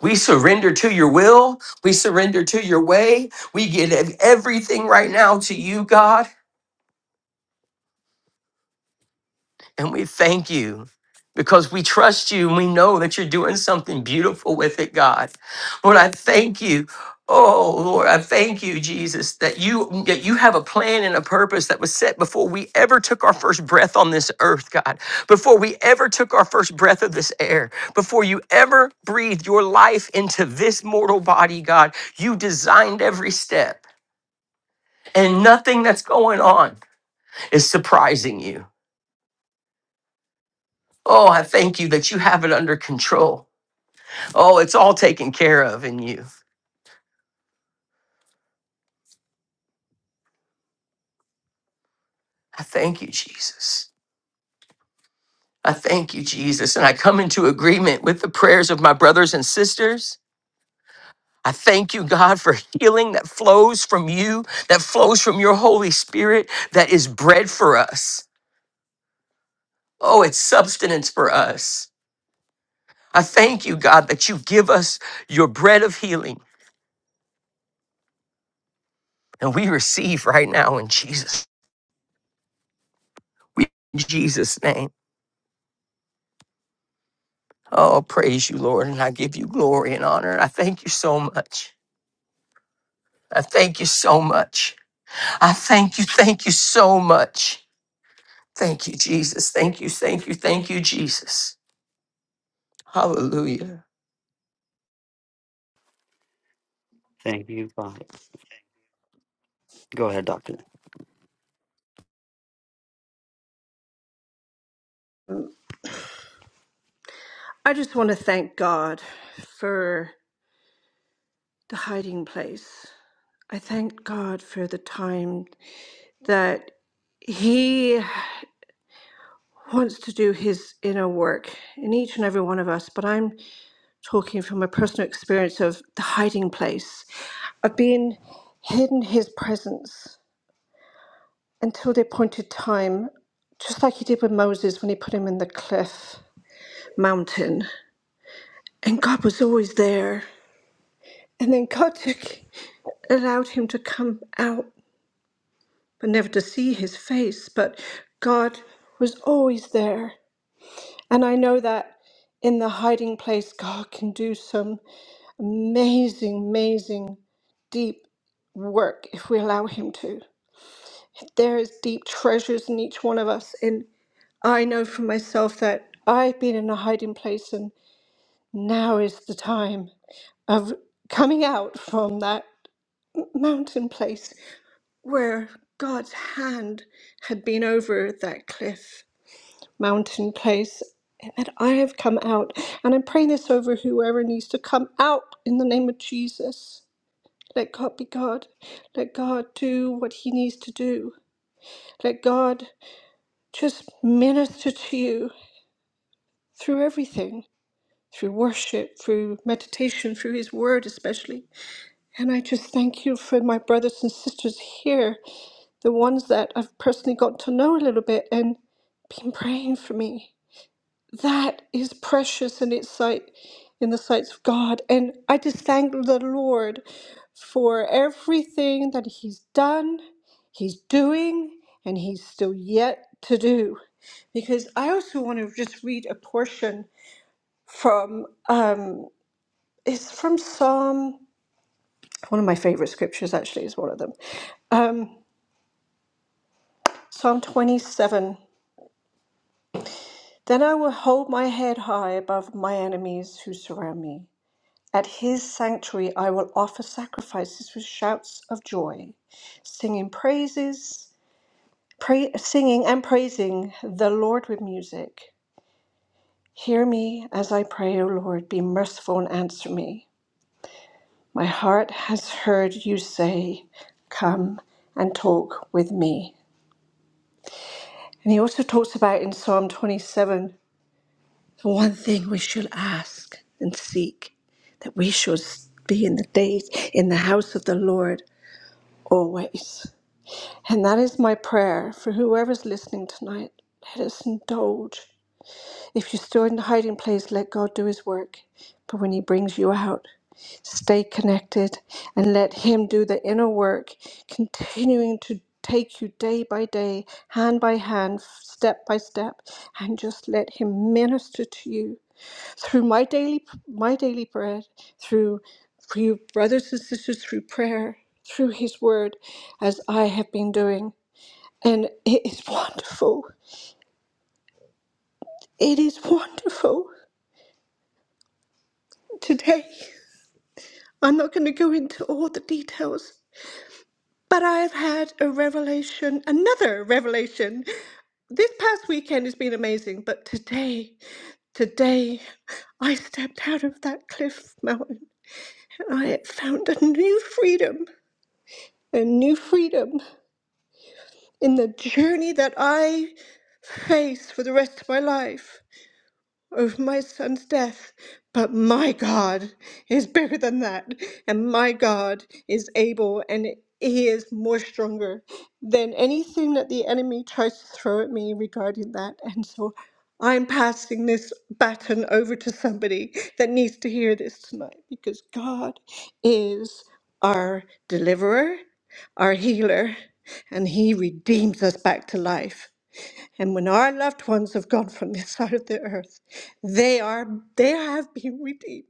Speaker 1: We surrender to your will. We surrender to your way. We give everything right now to you, God. And we thank you because we trust you and we know that you're doing something beautiful with it, God. Lord, I thank you. Oh Lord, I thank you, Jesus, that you that you have a plan and a purpose that was set before we ever took our first breath on this earth, God. Before we ever took our first breath of this air, before you ever breathed your life into this mortal body, God, you designed every step. And nothing that's going on is surprising you. Oh, I thank you that you have it under control. Oh, it's all taken care of in you. I thank you, Jesus. I thank you, Jesus. And I come into agreement with the prayers of my brothers and sisters. I thank you, God, for healing that flows from you, that flows from your Holy Spirit, that is bread for us. Oh, it's substance for us. I thank you, God, that you give us your bread of healing, and we receive right now in Jesus. We in Jesus' name. Oh, praise you, Lord, and I give you glory and honor. And I thank you so much. I thank you so much. I thank you, thank you so much. Thank you, Jesus. Thank you, thank you, thank you, Jesus. Hallelujah.
Speaker 10: Thank you, Father. Go ahead, Doctor.
Speaker 11: I just want to thank God for the hiding place. I thank God for the time that He wants to do His inner work in each and every one of us. But I'm talking from a personal experience of the hiding place, of being hidden His presence until the appointed time, just like He did with Moses when He put him in the cliff mountain. And God was always there. And then God took, allowed him to come out, but never to see his face. But God was always there. And I know that in the hiding place, God can do some amazing, amazing, deep work if we allow him to. There is deep treasures in each one of us. And I know for myself that I've been in a hiding place, and now is the time of coming out from that mountain place where God's hand had been over that cliff mountain place. And that I have come out. And I'm praying this over whoever needs to come out in the name of Jesus. Let God be God. Let God do what He needs to do. Let God just minister to you through everything through worship, through meditation, through His Word, especially. And I just thank you for my brothers and sisters here the ones that I've personally got to know a little bit and been praying for me. That is precious in its sight, in the sights of God. And I just thank the Lord for everything that He's done, He's doing, and He's still yet to do. Because I also want to just read a portion from um, it's from Psalm. One of my favorite scriptures actually is one of them. Um, Psalm 27. Then I will hold my head high above my enemies who surround me. At his sanctuary I will offer sacrifices with shouts of joy, singing praises, pray, singing and praising the Lord with music. Hear me as I pray, O Lord, be merciful and answer me. My heart has heard you say, Come and talk with me. And he also talks about in Psalm 27 The one thing we should ask and seek, that we should be in the days in the house of the Lord always. And that is my prayer for whoever's listening tonight. Let us indulge. If you're still in the hiding place, let God do his work. But when he brings you out, stay connected and let him do the inner work, continuing to take you day by day, hand by hand, step by step, and just let him minister to you through my daily my daily bread, through for you brothers and sisters, through prayer, through His Word, as I have been doing, and it is wonderful. It is wonderful. Today, I'm not going to go into all the details, but I have had a revelation, another revelation. This past weekend has been amazing, but today, today, I stepped out of that cliff mountain and I found a new freedom, a new freedom. in the journey that I face for the rest of my life of my son's death, but my God is bigger than that, and my God is able, and He is more stronger than anything that the enemy tries to throw at me regarding that. And so I'm passing this baton over to somebody that needs to hear this tonight because God is our deliverer, our healer, and He redeems us back to life. And when our loved ones have gone from this side of the earth, they are they have been redeemed.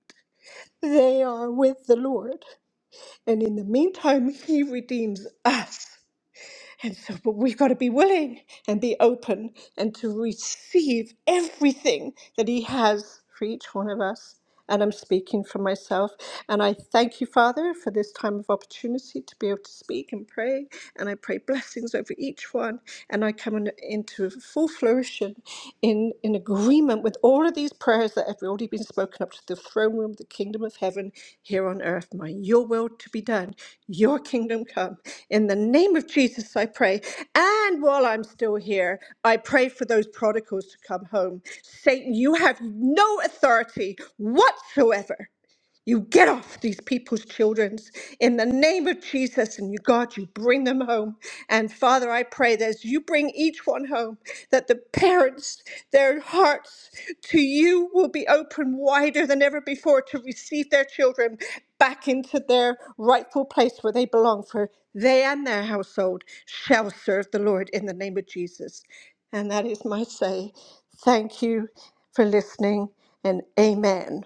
Speaker 11: They are with the Lord. And in the meantime, He redeems us. And so, but we've got to be willing and be open and to receive everything that He has for each one of us. And I'm speaking for myself. And I thank you, Father, for this time of opportunity to be able to speak and pray. And I pray blessings over each one. And I come in- into full flourishing in in, in agreement with all of these prayers that have already been spoken up to the throne room of the kingdom of heaven here on earth. may your will to be done, your kingdom come. In the name of Jesus, I pray. And while I'm still here, I pray for those prodigals to come home. Satan, you have no authority whatsoever you get off these people's childrens in the name of Jesus, and you, God, you bring them home. And Father, I pray that as you bring each one home, that the parents, their hearts to you will be open wider than ever before to receive their children back into their rightful place where they belong, for they and their household shall serve the Lord in the name of Jesus. And that is my say. Thank you for listening, and amen.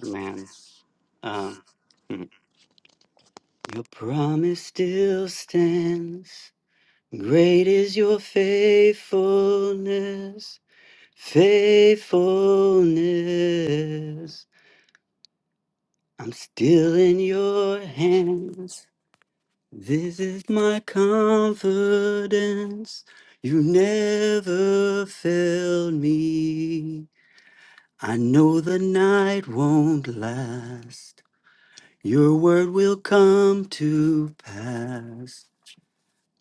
Speaker 10: Man, um, mhm. your promise still stands. Great is your faithfulness, faithfulness. I'm still in your hands. This is my confidence. You never failed me. I know the night won't last. Your word will come to pass.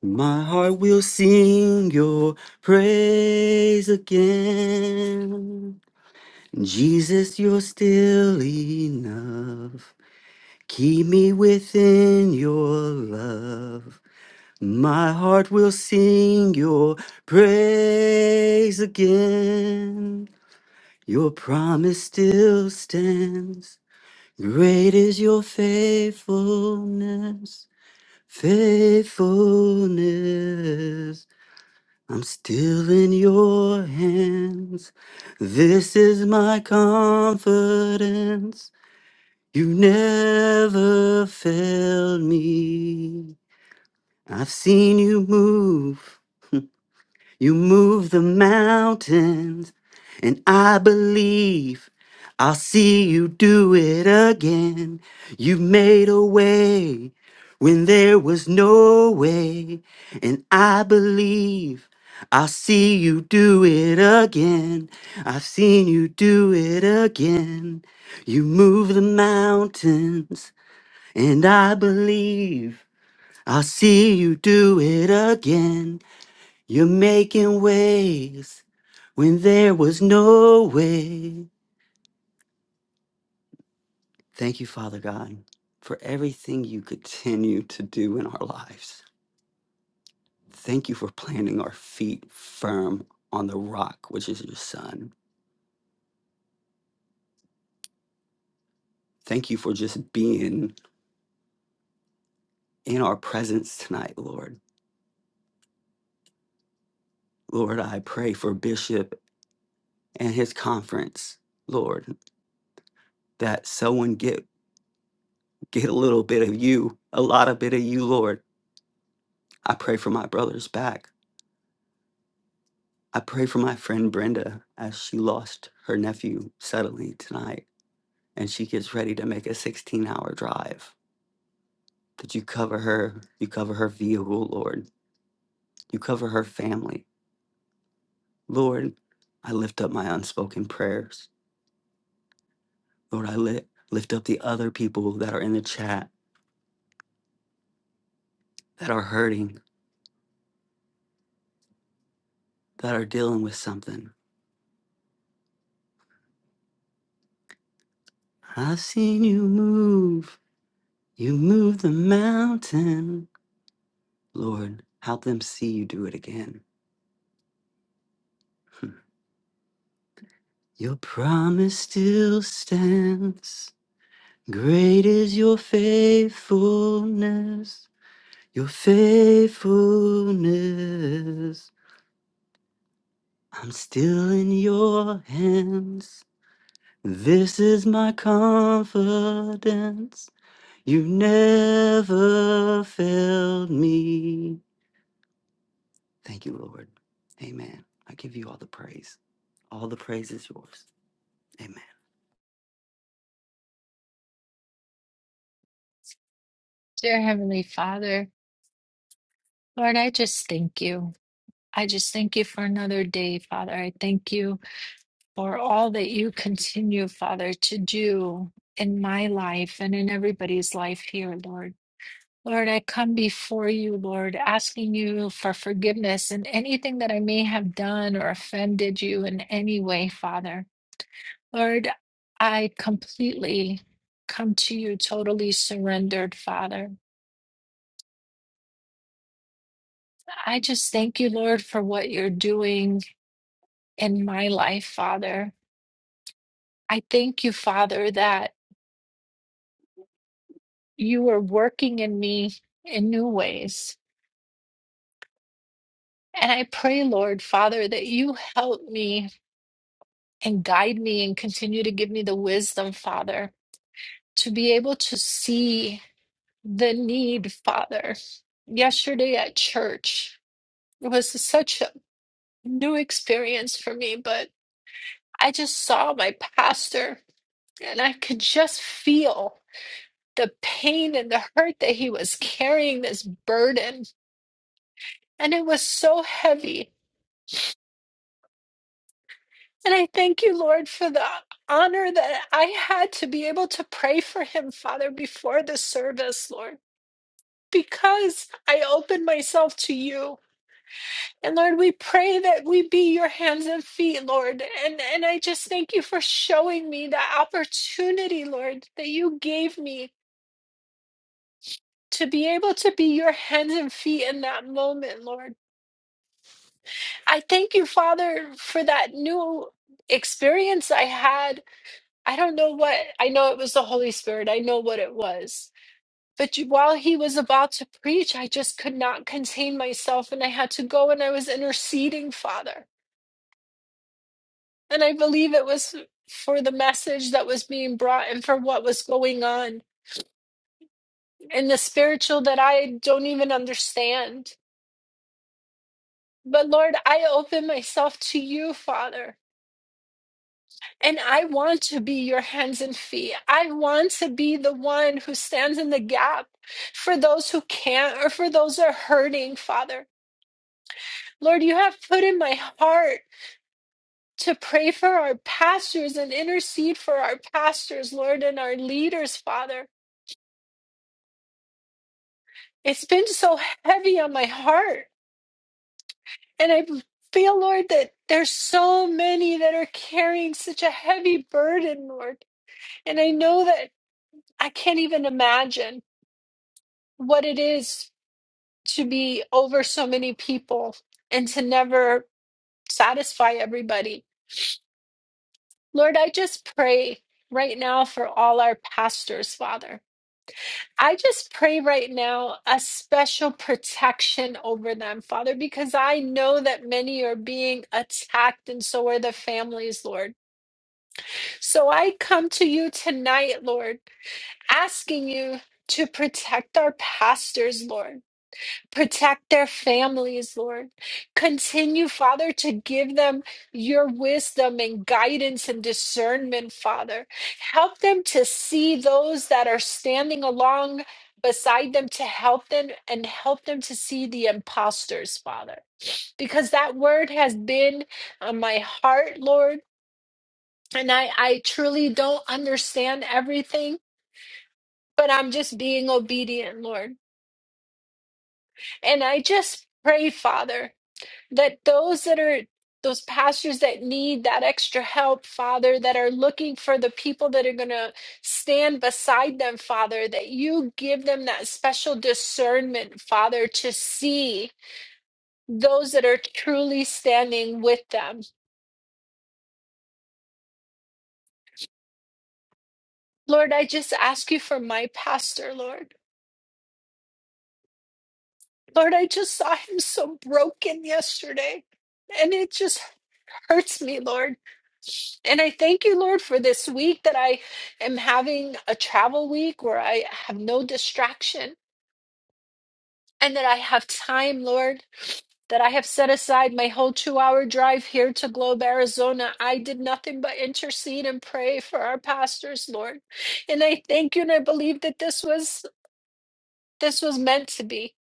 Speaker 10: My heart will sing your praise again. Jesus, you're still enough. Keep me within your love. My heart will sing your praise again. Your promise still stands. Great is your faithfulness. Faithfulness, I'm still in your hands. This is my confidence. You never failed me. I've seen you move. You move the mountains, and I believe I'll see you do it again. You made a way when there was no way, and I believe I'll see you do it again. I've seen you do it again. You move the mountains, and I believe I'll see you do it again. You're making ways when there was no way. Thank you, Father God, for everything you continue to do in our lives. Thank you for planting our feet firm on the rock, which is your Son. Thank you for just being in our presence tonight, Lord. Lord, I pray for Bishop and his conference, Lord, that someone get get a little bit of you, a lot of bit of you, Lord. I pray for my brother's back. I pray for my friend Brenda as she lost her nephew suddenly tonight and she gets ready to make a 16 hour drive. That you cover her, you cover her vehicle, Lord. You cover her family. Lord, I lift up my unspoken prayers. Lord, I li- lift up the other people that are in the chat, that are hurting, that are dealing with something. I've seen you move. You move the mountain. Lord, help them see you do it again. Your promise still stands. Great is your faithfulness, your faithfulness. I'm still in your hands. This is my confidence. You never failed me. Thank you, Lord. Amen. I give you all the praise. All the praise is yours. Amen.
Speaker 12: Dear Heavenly Father, Lord, I just thank you. I just thank you for another day, Father. I thank you for all that you continue, Father, to do in my life and in everybody's life here, Lord. Lord, I come before you, Lord, asking you for forgiveness in anything that I may have done or offended you in any way, Father. Lord, I completely come to you totally surrendered, Father. I just thank you, Lord, for what you're doing in my life, Father. I thank you, Father, that you are working in me in new ways. And I pray, Lord, Father, that you help me and guide me and continue to give me the wisdom, Father, to be able to see the need, Father. Yesterday at church, it was such a new experience for me, but I just saw my pastor and I could just feel. the pain and the hurt that he was carrying this burden. And it was so heavy. And I thank you, Lord, for the honor that I had to be able to pray for him, Father, before the service, Lord, because I opened myself to you. And Lord, we pray that we be your hands and feet, Lord. And, and I just thank you for showing me the opportunity, Lord, that you gave me to be able to be your hands and feet in that moment, Lord. I thank you, Father, for that new experience I had. I don't know what, I know it was the Holy Spirit. I know what it was. But you- while he was about to preach, I just could not contain myself and I had to go and I was interceding, Father. And I believe it was for the message that was being brought and for what was going on and the spiritual that I don't even understand. But Lord, I open myself to you, Father. And I want to be your hands and feet. I want to be the one who stands in the gap for those who can't or for those who are hurting, Father. Lord, you have put in my heart to pray for our pastors and intercede for our pastors, Lord, and our leaders, Father. It's been so heavy on my heart. And I feel, Lord, that there's so many that are carrying such a heavy burden, Lord. And I know that I can't even imagine what it is to be over so many people and to never satisfy everybody. Lord, I just pray right now for all our pastors, Father. I just pray right now a special protection over them, Father, because I know that many are being attacked and so are the families, Lord. So I come to you tonight, Lord, asking you to protect our pastors, Lord. Protect their families, Lord. Continue, Father, to give them your wisdom and guidance and discernment, Father. Help them to see those that are standing along beside them to help them and help them to see the imposters, Father. Because that word has been on my heart, Lord. And I, I truly don't understand everything, but I'm just being obedient, Lord. And I just pray, Father. that those that are those pastors that need that extra help, Father, that are looking for the people that are going to stand beside them, Father, that you give them that special discernment, Father, to see those that are truly standing with them. Lord, I just ask you for my pastor, Lord. Lord, I just saw him so broken yesterday. And it just hurts me, Lord. And I thank you, Lord, for this week that I am having a travel week where I have no distraction and that I have time, Lord, that I have set aside my whole two hour drive here to Globe, Arizona. I did nothing but intercede and pray for our pastors, Lord. And I thank you and I believe that this was this was meant to be.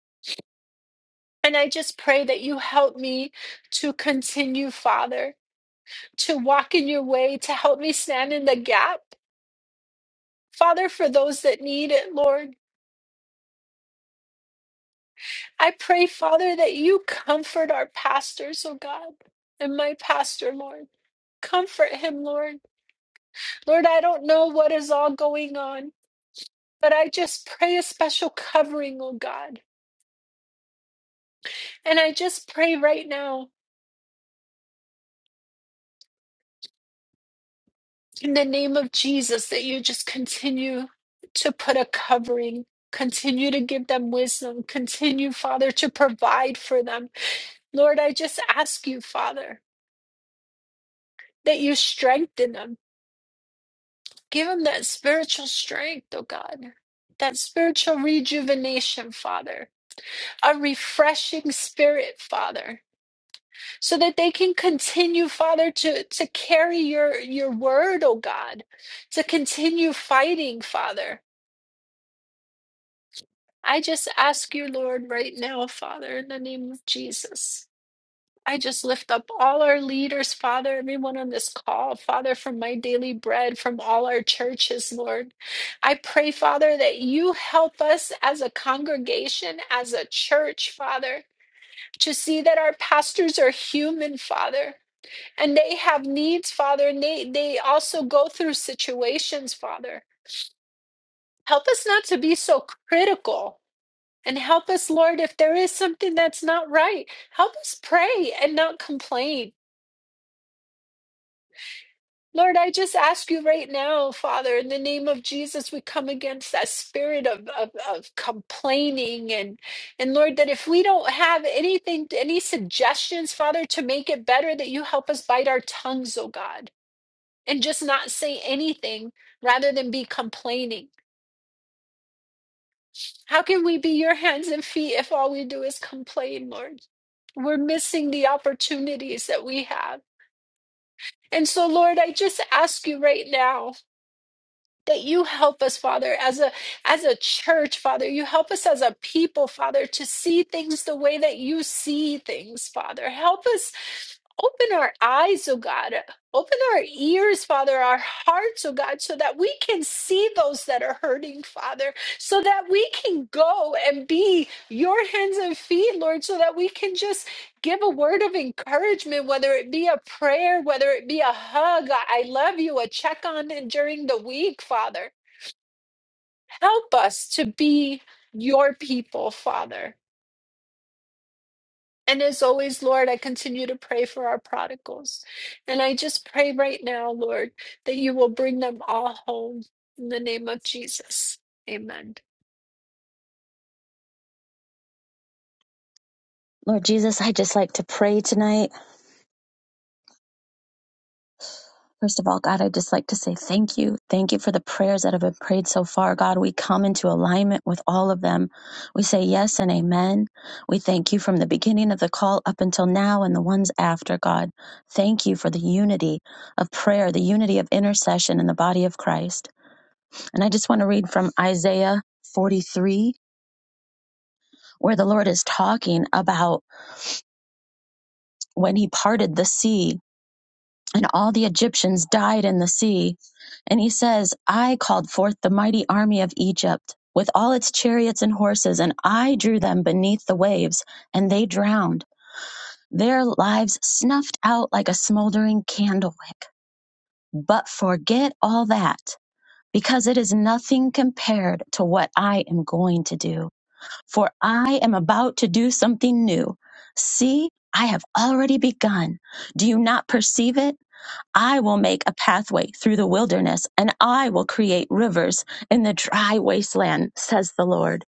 Speaker 12: And I just pray that you help me to continue, Father, to walk in your way, to help me stand in the gap Father, for those that need it, Lord, I pray, Father, that you comfort our pastors, oh God, and my pastor, Lord. Comfort him, Lord. Lord, I don't know what is all going on, but I just pray a special covering, oh God. And I just pray right now, in the name of Jesus, that you just continue to put a covering. Continue to give them wisdom. Continue, Father, to provide for them. Lord, I just ask you, Father, that you strengthen them Give them that spiritual strength, oh God, that spiritual rejuvenation, Father, a refreshing spirit, Father, so that they can continue, Father, to, to carry your, your word, oh God, to continue fighting, Father. I just ask you, Lord, right now, Father, in the name of Jesus. I just lift up all our leaders, Father, everyone on this call, Father, from my daily bread, from all our churches, Lord. I pray, Father, that you help us as a congregation, as a church, Father, to see that our pastors are human, Father, and they have needs, Father, and they, they also go through situations, Father. Help us not to be so critical. And help us, Lord, if there is something that's not right, help us pray and not complain. Lord, I just ask you right now, Father, in the name of Jesus, we come against that spirit of, of, of complaining. And, and Lord, that if we don't have anything, any suggestions, Father, to make it better, that you help us bite our tongues, oh God, and just not say anything rather than be complaining. How can we be your hands and feet if all we do is complain, Lord? We're missing the opportunities that we have. And so, Lord, I just ask you right now that you help us father as a as a church father you help us as a people father to see things the way that you see things father help us open our eyes oh god open our ears father our hearts oh god so that we can see those that are hurting father so that we can go and be your hands and feet lord so that we can just give a word of encouragement, whether it be a prayer, whether it be a hug, a I love you, a check on it during the week, Father. Help us to be your people, Father. And as always, Lord, I continue to pray for our prodigals. And I just pray right now, Lord, that you will bring them all home in the name of Jesus. Amen.
Speaker 13: Lord Jesus, I just like to pray tonight. First of all, God, I just like to say thank you. Thank you for the prayers that have been prayed so far. God, we come into alignment with all of them. We say yes and amen. We thank you from the beginning of the call up until now and the ones after, God. Thank you for the unity of prayer, the unity of intercession in the body of Christ. And I just want to read from Isaiah 43, where the Lord is talking about when he parted the sea and all the Egyptians died in the sea. And he says, I called forth the mighty army of Egypt with all its chariots and horses, and I drew them beneath the waves, and they drowned, their lives snuffed out like a smoldering candle wick. But forget all that, because it is nothing compared to what I am going to do. For I am about to do something new. See, I have already begun. Do you not perceive it? I will make a pathway through the wilderness, and I will create rivers in the dry wasteland, says the Lord.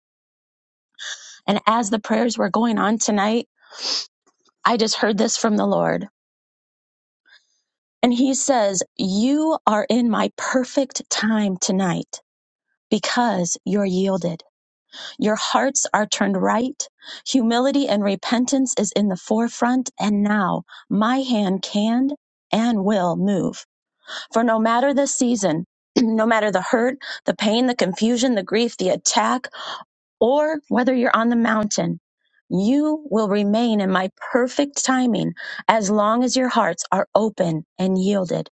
Speaker 13: And as the prayers were going on tonight, I just heard this from the Lord. And he says, You are in my perfect time tonight because you're yielded. Your hearts are turned right. Humility and repentance is in the forefront. And now my hand can and will move. For no matter the season, no matter the hurt, the pain, the confusion, the grief, the attack, or whether you're on the mountain, you will remain in my perfect timing as long as your hearts are open and yielded.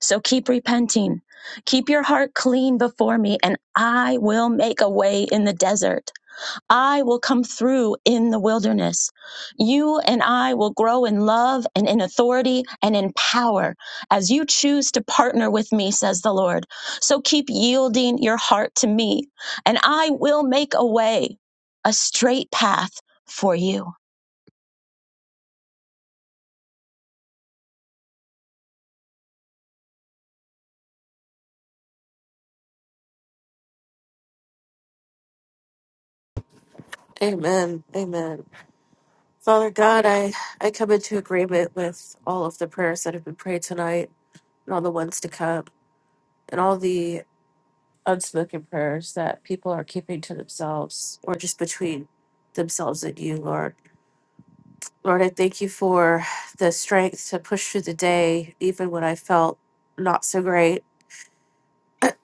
Speaker 13: So keep repenting. Keep your heart clean before me, and I will make a way in the desert. I will come through in the wilderness. You and I will grow in love and in authority and in power as you choose to partner with me, says the Lord. So keep yielding your heart to me, and I will make a way, a straight path for you.
Speaker 14: Amen. Amen. Father God, I, I come into agreement with all of the prayers that have been prayed tonight and all the ones to come and all the unspoken prayers that people are keeping to themselves or just between themselves and you, Lord. Lord, I thank you for the strength to push through the day, even when I felt not so great,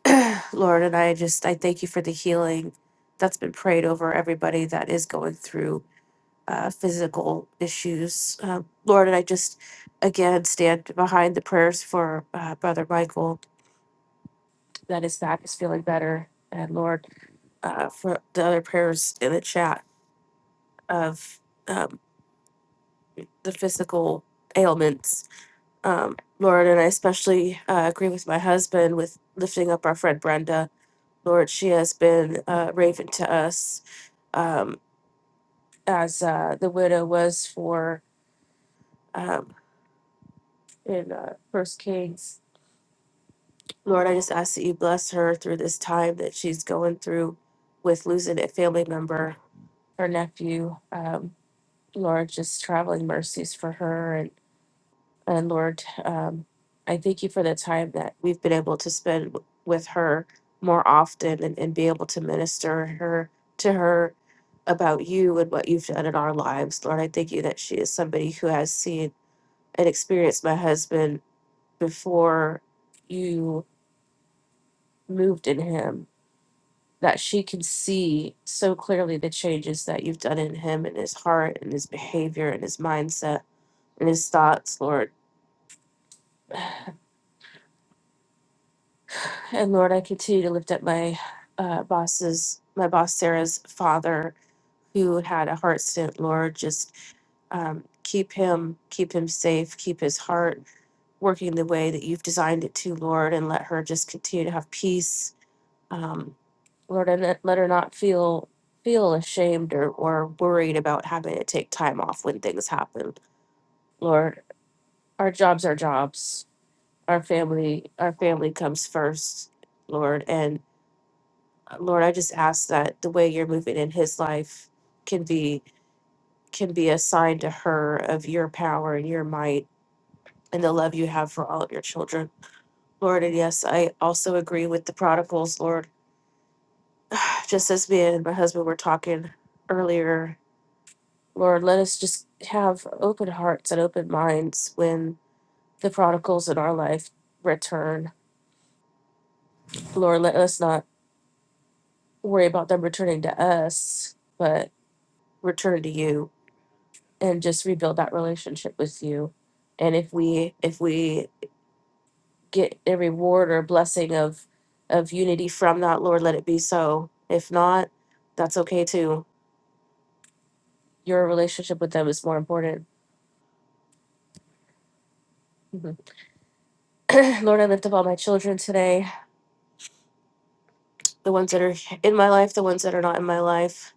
Speaker 14: Lord. And I just, I thank you for the healing that's been prayed over everybody that is going through uh, physical issues. Uh, Lord, and I just again stand behind the prayers for uh, Brother Michael that his back is feeling better, and Lord, uh, for the other prayers in the chat of um, the physical ailments. Um, Lord, and I especially uh, agree with my husband with lifting up our friend Brenda. Lord, she has been uh, raven to us um, as uh, the widow was for um, in uh, First Kings Lord, I just ask that you bless her through this time that she's going through with losing a family member, her nephew. Um, Lord, just traveling mercies for her. And, and Lord, um, I thank you for the time that we've been able to spend w- with her more often and, and be able to minister her to her about you and what you've done in our lives. Lord, I thank you that she is somebody who has seen and experienced my husband before you moved in him that she can see so clearly the changes that you've done in him and his heart and his behavior and his mindset and his thoughts, Lord. And Lord, I continue to lift up my uh, boss's, my boss Sarah's father, who had a heart stint, Lord. Just um, keep him, keep him safe, keep his heart working the way that you've designed it to, Lord, and let her just continue to have peace Um, Lord, and let let her not feel feel ashamed or, or worried about having to take time off when things happen. Lord, our jobs are jobs. Our family, our family comes first, Lord. And uh, Lord, I just ask that the way you're moving in his life can be can be a sign to her of your power and your might and the love you have for all of your children. Lord, and yes, I also agree with the prodigals, Lord. Just as me and my husband were talking earlier Lord, let us just have open hearts and open minds when the prodigals in our life return. Lord, let us not worry about them returning to us, but return to you and just rebuild that relationship with you. And if we if we get a reward or blessing of of unity from that, Lord, let it be so. If not, that's okay too. Your relationship with them is more important. Mhm. Lord, I lift up all my children today. the ones that are in my life, the ones that are not in my life.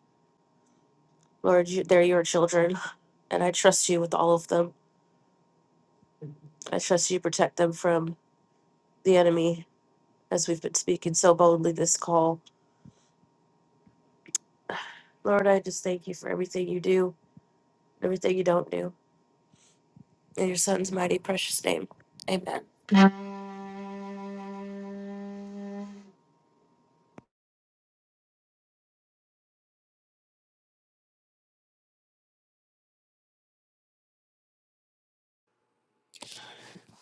Speaker 14: Lord, you, they're your children, and I trust you with all of them. I trust you protect them from the enemy as we've been speaking so boldly this call. Lord, I just thank you for everything you do, everything you don't do. In your son's mighty precious name. Amen.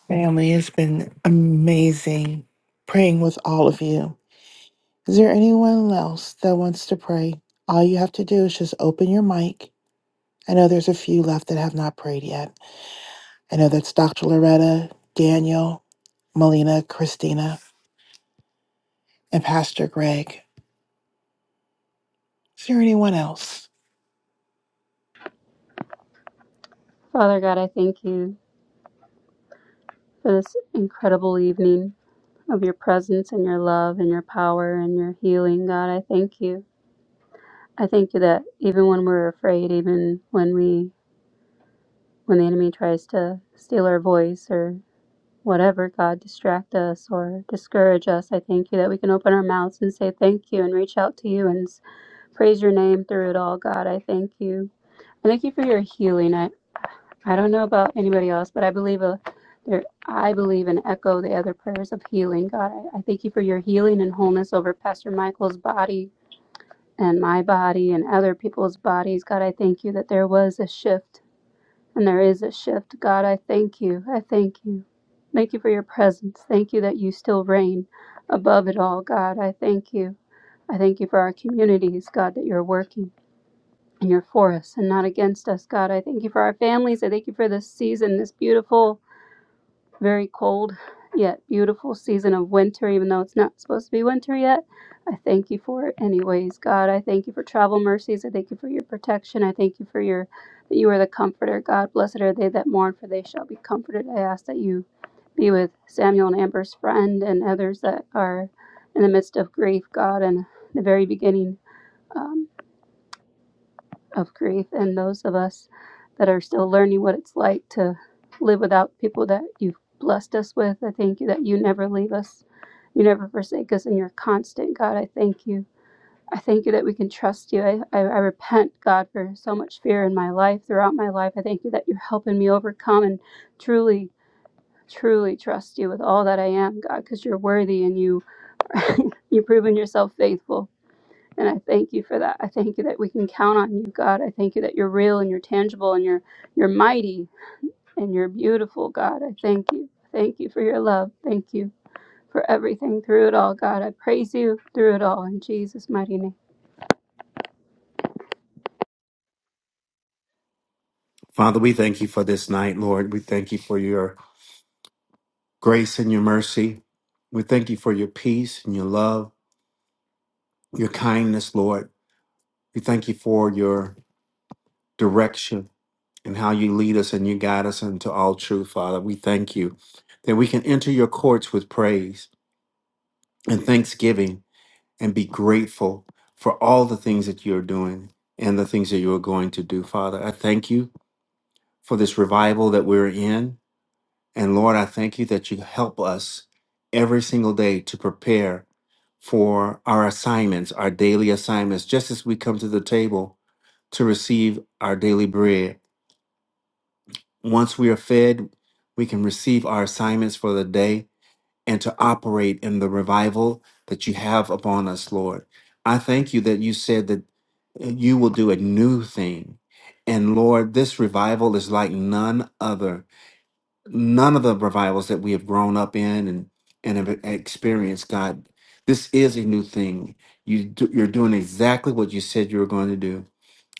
Speaker 2: Family, it's been amazing praying with all of you. Is there anyone else that wants to pray? All you have to do is just open your mic I know there's a few left that have not prayed yet. I know that's Dr. Loretta, Daniel, Melina, Christina, and Pastor Greg. Is there anyone else?
Speaker 15: Father God, I thank you for this incredible evening of your presence and your love and your power and your healing. God, I thank you. I thank you that even when we're afraid, even when we when the enemy tries to steal our voice or whatever, God, distract us or discourage us, I thank you that we can open our mouths and say thank you and reach out to you and s- praise your name through it all, God. I thank you. I thank you for your healing. I don't know about anybody else, but I believe a, there, I believe and echo the other prayers of healing. God, I, I thank you for your healing and wholeness over Pastor Michael's body and my body and other people's bodies. God, I thank you that there was a shift and there is a shift. God, I thank you. I thank you. Thank you for your presence. Thank you that you still reign above it all. God, I thank you. I thank you for our communities, God, that you're working and you're for us and not against us. God, I thank you for our families. I thank you for this season, this beautiful very cold yet beautiful season of winter, even though it's not supposed to be winter yet. I thank you for it anyways, God. I thank you for travel mercies. I thank you for your protection. I thank you for your that you are the comforter. God, blessed are they that mourn, for they shall be comforted. I ask that you be with Samuel and Amber's friend and others that are in the midst of grief, God, and the very beginning. Um, of grief and those of us that are still learning what it's like to live without people that you've blessed us with. I thank you that you never leave us, you never forsake us, and you're constant, God. I thank you. I thank you that we can trust you. I, I, I repent, God, for so much fear in my life, throughout my life. I thank you that you're helping me overcome and truly, truly trust you with all that I am, God, because you're worthy and you you've proven yourself faithful. And I thank you for that. I thank you that we can count on you, God. I thank you that you're real and you're tangible and you're you're mighty and you're beautiful, God. I thank you. Thank you for your love. Thank you for everything through it all, God. I praise you through it all in Jesus' mighty name.
Speaker 16: Father, we thank you for this night, Lord. We thank you for your grace and your mercy. We thank you for your peace and your love, your kindness, Lord. We thank you for your direction and how you lead us and you guide us into all truth, Father. We thank you that we can enter your courts with praise and thanksgiving and be grateful for all the things that you're doing and the things that you are going to do, Father. I thank you for this revival that we're in. And Lord, I thank you that you help us every single day to prepare for our assignments, our daily assignments, just as we come to the table to receive our daily bread. Once we are fed, we can receive our assignments for the day and to operate in the revival that you have upon us, Lord. I thank you that you said that you will do a new thing. And Lord, this revival is like none other none of the revivals that we have grown up in and and have experienced god this is a new thing you do, you're doing exactly what you said you were going to do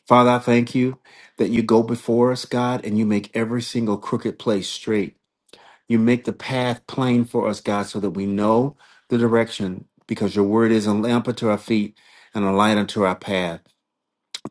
Speaker 16: father i thank you that you go before us god and you make every single crooked place straight you make the path plain for us god so that we know the direction because your word is a lamp unto our feet and a light unto our path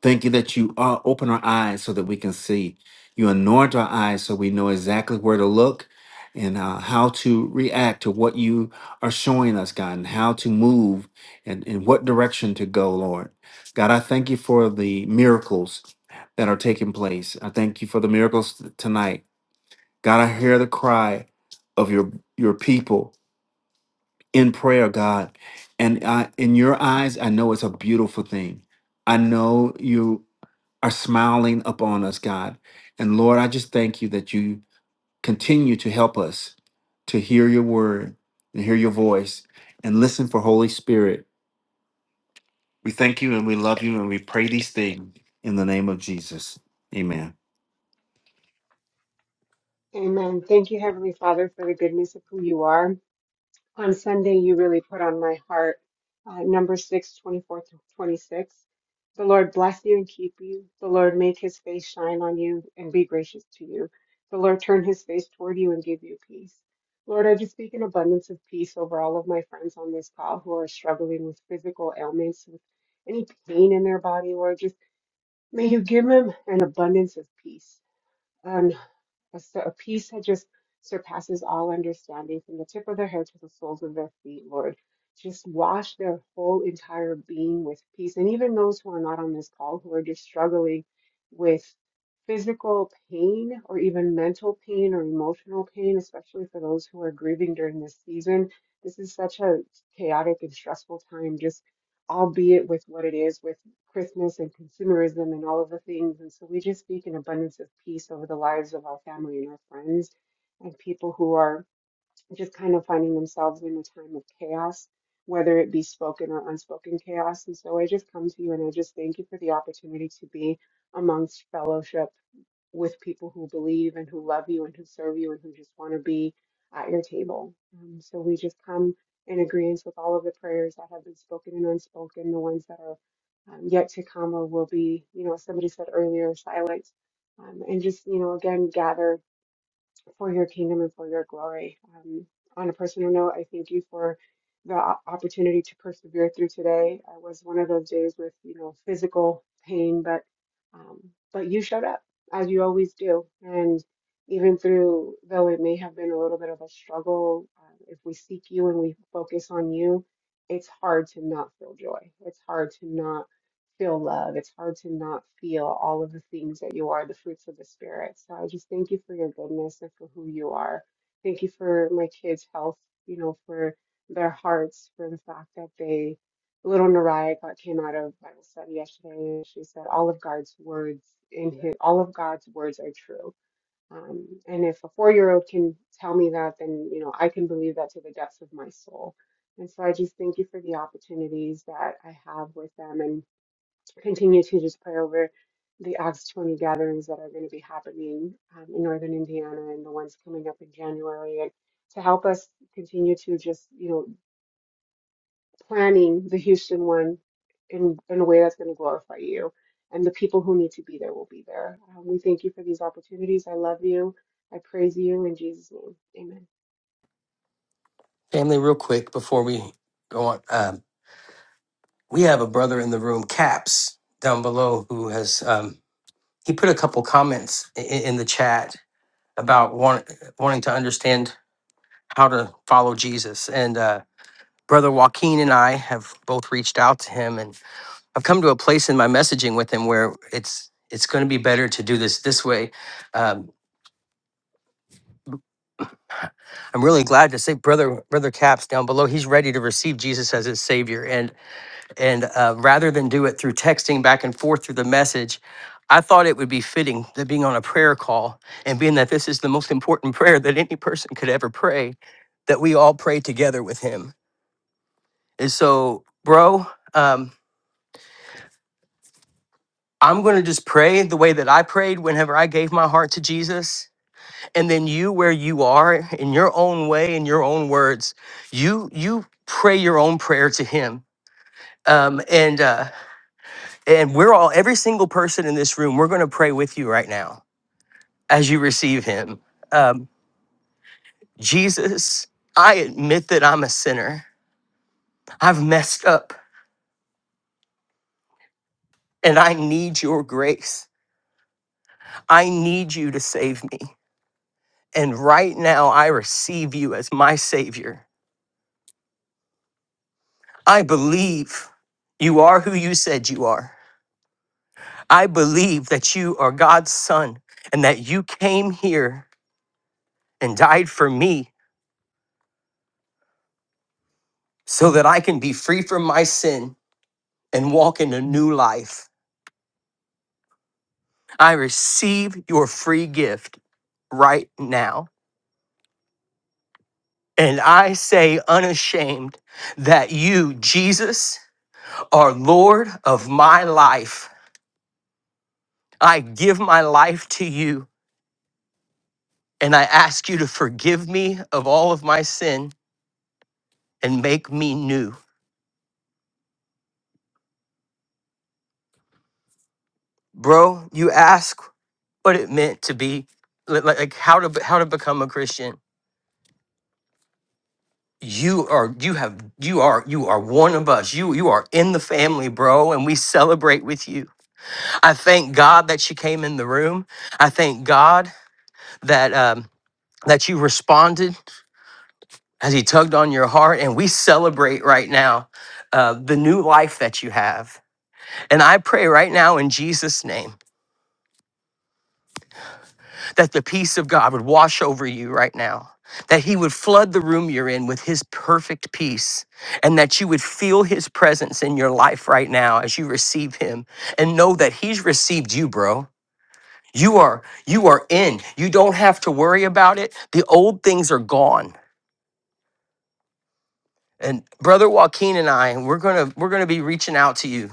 Speaker 16: Thank you that you uh, open our eyes so that we can see. You anoint our eyes so we know exactly where to look and uh, how to react to what you are showing us, God, and how to move and in what direction to go, Lord. God, I thank you for the miracles that are taking place. I thank you for the miracles t- tonight. God, I hear the cry of your your people in prayer, God. And I, in your eyes, I know it's a beautiful thing. I know you are smiling upon us, God. And Lord, I just thank you that you continue to help us to hear your word and hear your voice and listen for Holy Spirit. We thank you and we love you and we pray these things in the name of Jesus. Amen.
Speaker 17: Amen. Thank you, Heavenly Father, for the goodness of who you are. On Sunday, you really put on my heart uh, number six, twenty-four 24 to 26. The Lord bless you and keep you. The Lord make his face shine on you and be gracious to you. The Lord turn his face toward you and give you peace. Lord, I just speak an abundance of peace over all of my friends on this call who are struggling with physical ailments, with any pain in their body, Lord. Just may you give them an abundance of peace. A, so- a peace that just surpasses all understanding from the tip of their head to the soles of their feet, Lord. Just wash their whole entire being with peace. And even those who are not on this call, who are just struggling with physical pain or even mental pain or emotional pain, especially for those who are grieving during this season. This is such a chaotic and stressful time, just albeit with what it is, with Christmas and consumerism and all of the things. And so we just speak an abundance of peace over the lives of our family and our friends and people who are just kind of finding themselves in a time of chaos, whether it be spoken or unspoken chaos. And so I just come to you and I just thank you for the opportunity to be amongst fellowship with people who believe and who love you and who serve you and who just want to be at your table. Um, so we just come in agreement with all of the prayers that have been spoken and unspoken, the ones that are um, yet to come or will be, you know, as somebody said earlier, silent. Um, and just, you know, again, gather for your kingdom and for your glory. Um, on a personal note, I thank you for the o- opportunity to persevere through today. I was one of those days with, you know, physical pain, but um, but you showed up as you always do. And even through, though it may have been a little bit of a struggle, um, if we seek you and we focus on you, it's hard to not feel joy. It's hard to not feel love. It's hard to not feel all of the things that you are, the fruits of the Spirit. So I just thank you for your goodness and for who you are. Thank you for my kids' health, you know, for their hearts, for the fact that they, little Nariah got, came out of Bible study yesterday and she said, all of God's words in his, all of God's words are true. Um, and if a four-year-old can tell me that, then, you know, I can believe that to the depths of my soul. And so I just thank you for the opportunities that I have with them and continue to just pray over the Acts 20 gatherings that are going to be happening um, in northern Indiana and the ones coming up in January, and to help us continue to just, you know, planning the Houston one in, in a way that's going to glorify you. And the people who need to be there will be there. Um, we thank you for these opportunities. I love you. I praise you in Jesus' name. Amen.
Speaker 1: Family, real quick before we go on, um, we have a brother in the room, Caps, down below, who has um, he put a couple comments in, in the chat about want, wanting to understand how to follow Jesus, and uh, brother Joaquin and I have both reached out to him and I've come to a place in my messaging with him where it's it's going to be better to do this this way. Um, I'm really glad to say, brother, brother Caps down below, he's ready to receive Jesus as his Savior, and and uh, rather than do it through texting back and forth through the message, I thought it would be fitting that being on a prayer call and being that this is the most important prayer that any person could ever pray, that we all pray together with him. And so, bro, um, I'm going to just pray the way that I prayed whenever I gave my heart to Jesus and then you where you are in your own way in your own words you you pray your own prayer to him um, and uh, and we're all every single person in this room we're going to pray with you right now as you receive him um, jesus i admit that i'm a sinner i've messed up and i need your grace i need you to save me and right now i receive you as my savior i believe you are who you said you are I believe that you are God's son and that you came here and died for me so that I can be free from my sin and walk in a new life. I receive your free gift right now. And I say unashamed that you, Jesus, are Lord of my life. I give my life to you and I ask you to forgive me of all of my sin and make me new. Bro, you ask what it meant to be li- like, like how to be- how to become a christian you are you have you are you are one of us you you are in the family bro and we celebrate with you i thank god that you came in the room i thank god that um that you responded as he tugged on your heart and we celebrate right now uh, the new life that you have and i pray right now in jesus name that the peace of God would wash over you right now, that He would flood the room you're in with His perfect peace, and that you would feel His presence in your life right now as you receive Him and know that He's received you, bro. You are you are in. You don't have to worry about it. The old things are gone and brother joaquin and i we're gonna we're gonna be reaching out to you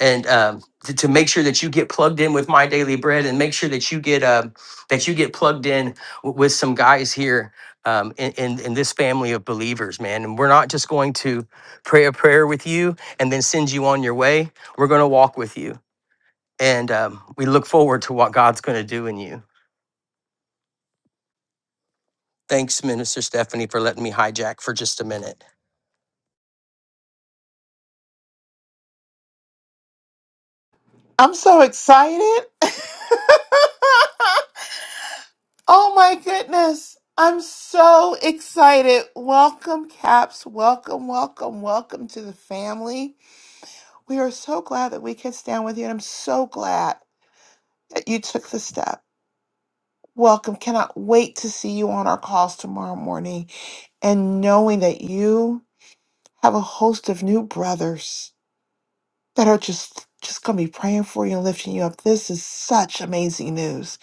Speaker 1: and um, to, to make sure that you get plugged in with my daily bread and make sure that you get uh, that you get plugged in w- with some guys here um, in, in in this family of believers man and we're not just going to pray a prayer with you and then send you on your way we're going to walk with you and um, we look forward to what god's going to do in you thanks minister stephanie for letting me hijack for just a minute
Speaker 2: I'm so excited. oh my goodness. I'm so excited. Welcome, Caps. Welcome, welcome, welcome to the family. We are so glad that we can stand with you, and I'm so glad that you took the step. Welcome. Cannot wait to see you on our calls tomorrow morning. and knowing that you have a host of new brothers that are just just going to be praying for you and lifting you up. This is such amazing news.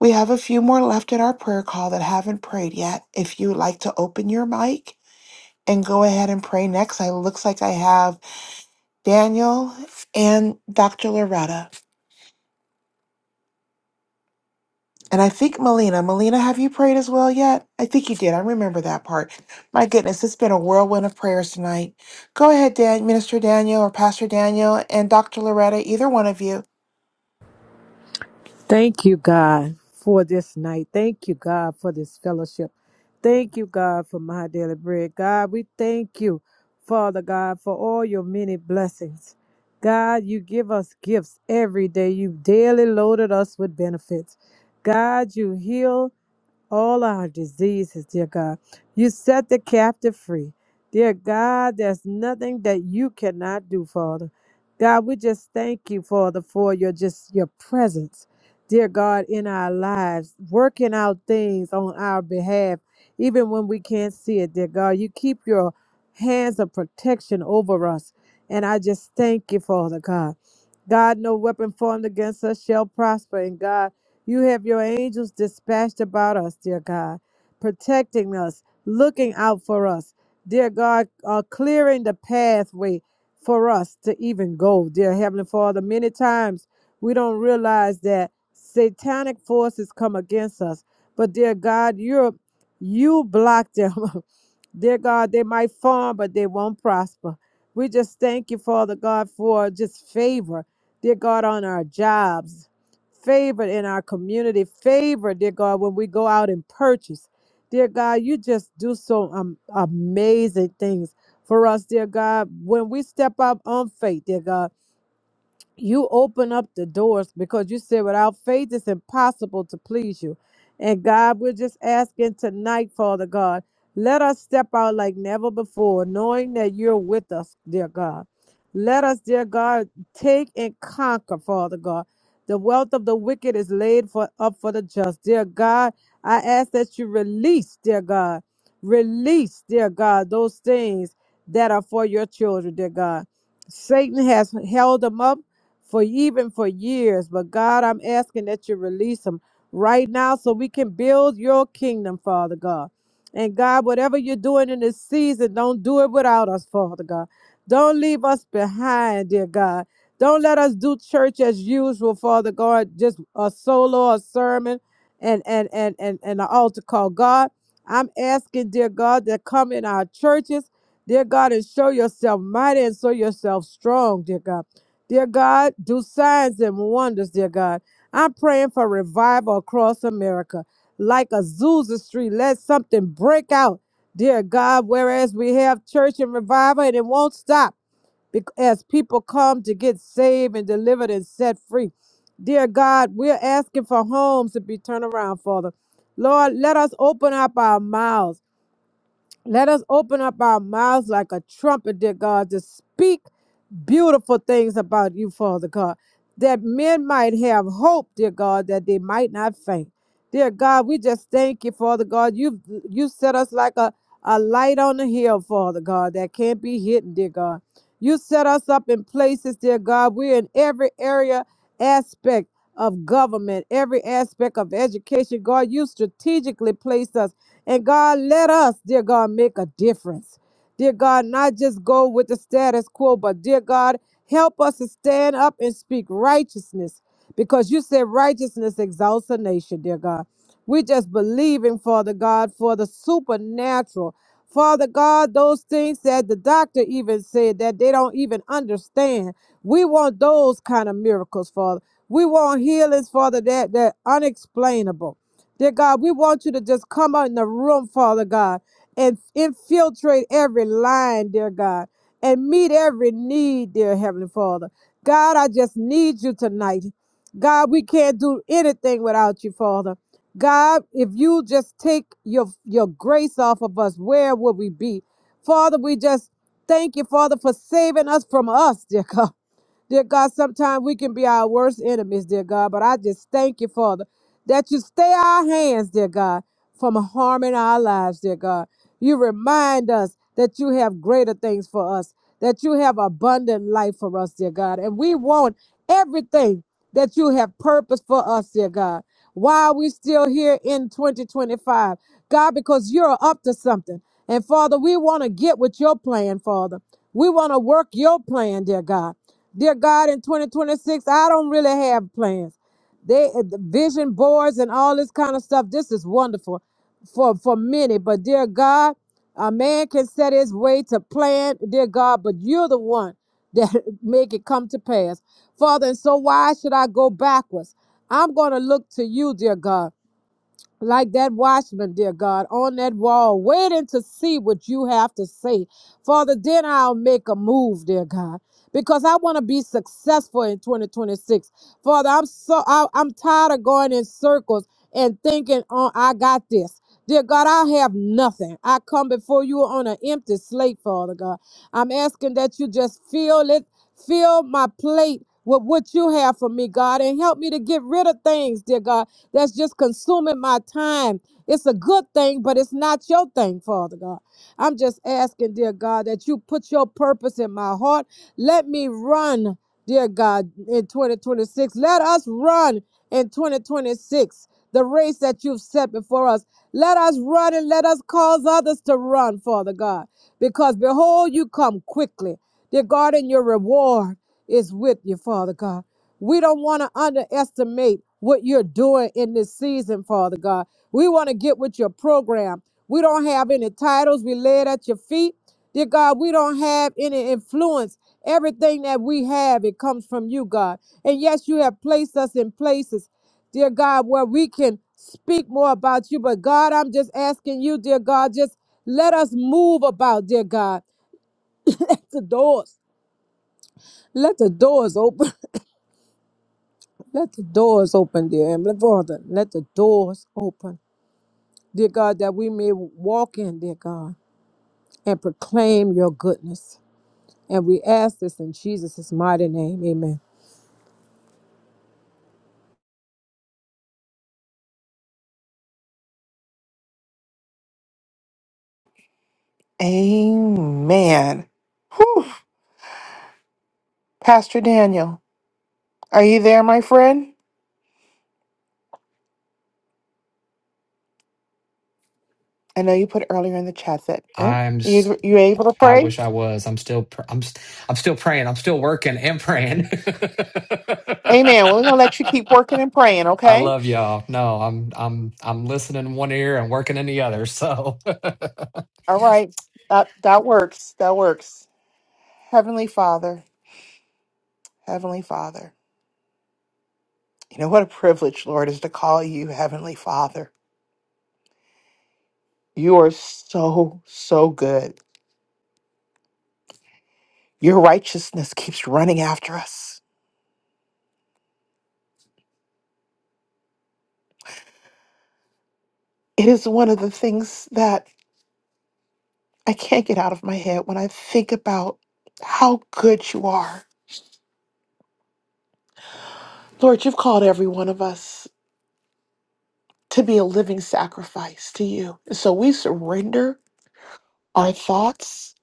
Speaker 2: We have a few more left in our prayer call that haven't prayed yet. If you would like to open your mic and go ahead and pray next, I looks like I have Daniel and Dr. Loretta. And I think Melina, Melina, have you prayed as well yet? I think you did. I remember that part. My goodness, it's been a whirlwind of prayers tonight. Go ahead, Dan, Minister Daniel or Pastor Daniel and Dr. Loretta, either one of you.
Speaker 18: Thank you, God, for this night. Thank you, God, for this fellowship. Thank you, God, for my daily bread. God, we thank you, Father God, for all your many blessings. God, you give us gifts every day. You daily loaded us with benefits. God, you heal all our diseases, dear God. You set the captive free. Dear God, there's nothing that you cannot do, Father. God, we just thank you, Father, for your just your presence, dear God, in our lives, working out things on our behalf, even when we can't see it, dear God. You keep your hands of protection over us. And I just thank you, Father God. God, no weapon formed against us shall prosper. And God, you have your angels dispatched about us, dear God, protecting us, looking out for us, dear God, uh, clearing the pathway for us to even go, dear Heavenly Father. Many times we don't realize that satanic forces come against us, but dear God, you're you block them. Dear God, they might farm, but they won't prosper. We just thank you, Father God, for just favor, dear God, on our jobs, favor in our community, favor, dear God, when we go out and purchase. Dear God, you just do so um, amazing things for us, dear God. When we step up on faith, dear God, you open up the doors because you said without faith it's impossible to please you and god we're just asking tonight father god let us step out like never before knowing that you're with us dear god let us dear god take and conquer father god the wealth of the wicked is laid for up for the just dear god i ask that you release dear god release dear god those things that are for your children dear god satan has held them up for even for years. But God, I'm asking that you release them right now so we can build your kingdom, Father God. And God, whatever you're doing in this season, don't do it without us, Father God. Don't leave us behind, dear God. Don't let us do church as usual, Father God, just a solo, a sermon, and and and and, and an altar call. God, I'm asking, dear God, that come in our churches, dear God, and show yourself mighty and show yourself strong, dear God. Dear God, do signs and wonders, dear God. I'm praying for revival across America. Like Azusa Street, let something break out, dear God. Whereas we have church and revival, and it won't stop bec- as people come to get saved and delivered and set free. Dear God, we're asking for homes to be turned around, Father. Lord, let us open up our mouths. Let us open up our mouths like a trumpet, dear God, to speak beautiful things about you, Father God, that men might have hope, dear God, that they might not faint. Dear God, we just thank you, Father God. You've you set us like a, a light on the hill, Father God, that can't be hidden, dear God. You set us up in places, dear God. We're in every area, aspect of government, every aspect of education. God, you strategically placed us. And God, let us, dear God, make a difference. Dear God, not just go with the status quo, but dear God, help us to stand up and speak righteousness because you said righteousness exalts a nation, dear God. We just believing, Father God, for the supernatural. Father God, those things that the doctor even said that they don't even understand. We want those kind of miracles, Father. We want healings, Father, that that unexplainable. Dear God, we want you to just come out in the room, Father God, and infiltrate every line, dear God, and meet every need, dear Heavenly Father. God, I just need you tonight. God, we can't do anything without you, Father. God, if you just take your, your grace off of us, where would we be? Father, we just thank you, Father, for saving us from us, dear God. Dear God, sometimes we can be our worst enemies, dear God, but I just thank you, Father, that you stay our hands, dear God, from harming our lives, dear God. You remind us that you have greater things for us, that you have abundant life for us, dear God. And we want everything that you have purposed for us, dear God. Why are we still here in 2025. God, because you're up to something. And Father, we want to get with your plan, Father. We want to work your plan, dear God. Dear God, in 2026, I don't really have plans. They the vision boards and all this kind of stuff. This is wonderful for for many. But dear God, a man can set his way to plan, dear God, but you're the one that make it come to pass. Father, and so why should I go backwards? I'm going to look to you, dear God like that watchman, dear God, on that wall, waiting to see what you have to say. Father, then I'll make a move, dear God, because I want to be successful in 2026. Father, I'm so I, I'm tired of going in circles and thinking, "Oh, I got this." Dear God, I have nothing. I come before you on an empty slate, Father God. I'm asking that you just fill it, fill my plate with what you have for me, God, and help me to get rid of things, dear God, that's just consuming my time. It's a good thing, but it's not your thing, Father God. I'm just asking, dear God, that you put your purpose in my heart. Let me run, dear God, in 2026. Let us run in 2026, the race that you've set before us. Let us run and let us cause others to run, Father God, because behold, you come quickly. Dear God, and your reward is with you, Father God. We don't want to underestimate what you're doing in this season, Father God. We want to get with your program. We don't have any titles. We lay it at your feet. Dear God, we don't have any influence. Everything that we have, it comes from you, God. And yes, you have placed us in places, dear God, where we can speak more about you. But God, I'm just asking you, dear God, just let us move about, dear God. The doors. Let the doors open. Let the doors open, dear Heavenly Father. Let the doors open, dear God, that we may walk in, dear God, and proclaim your goodness. And we ask this in Jesus' mighty name. Amen.
Speaker 2: Amen. Whew. Pastor Daniel, are you there, my friend? I know you put earlier in the chat that, oh,
Speaker 19: I'm. s-
Speaker 2: you, you able to
Speaker 19: I
Speaker 2: pray?
Speaker 19: wish I was. I'm still. pr- I'm. i I'm still praying. I'm still working and praying.
Speaker 2: Amen. Well, We're going to let you keep working and praying,
Speaker 19: I
Speaker 2: okay?
Speaker 19: love y'all. No, I'm. I'm. I'm listening in one ear and working in the other. So.
Speaker 2: All right. That, that works. That works. Heavenly Father, Heavenly Father. You know what a privilege, Lord, is to call you Heavenly Father. You are so, so good. Your righteousness keeps running after us. It is one of the things that I can't get out of my head when I think about how good you are. Lord, you've called every one of us to be a living sacrifice to you. So we surrender our thoughts,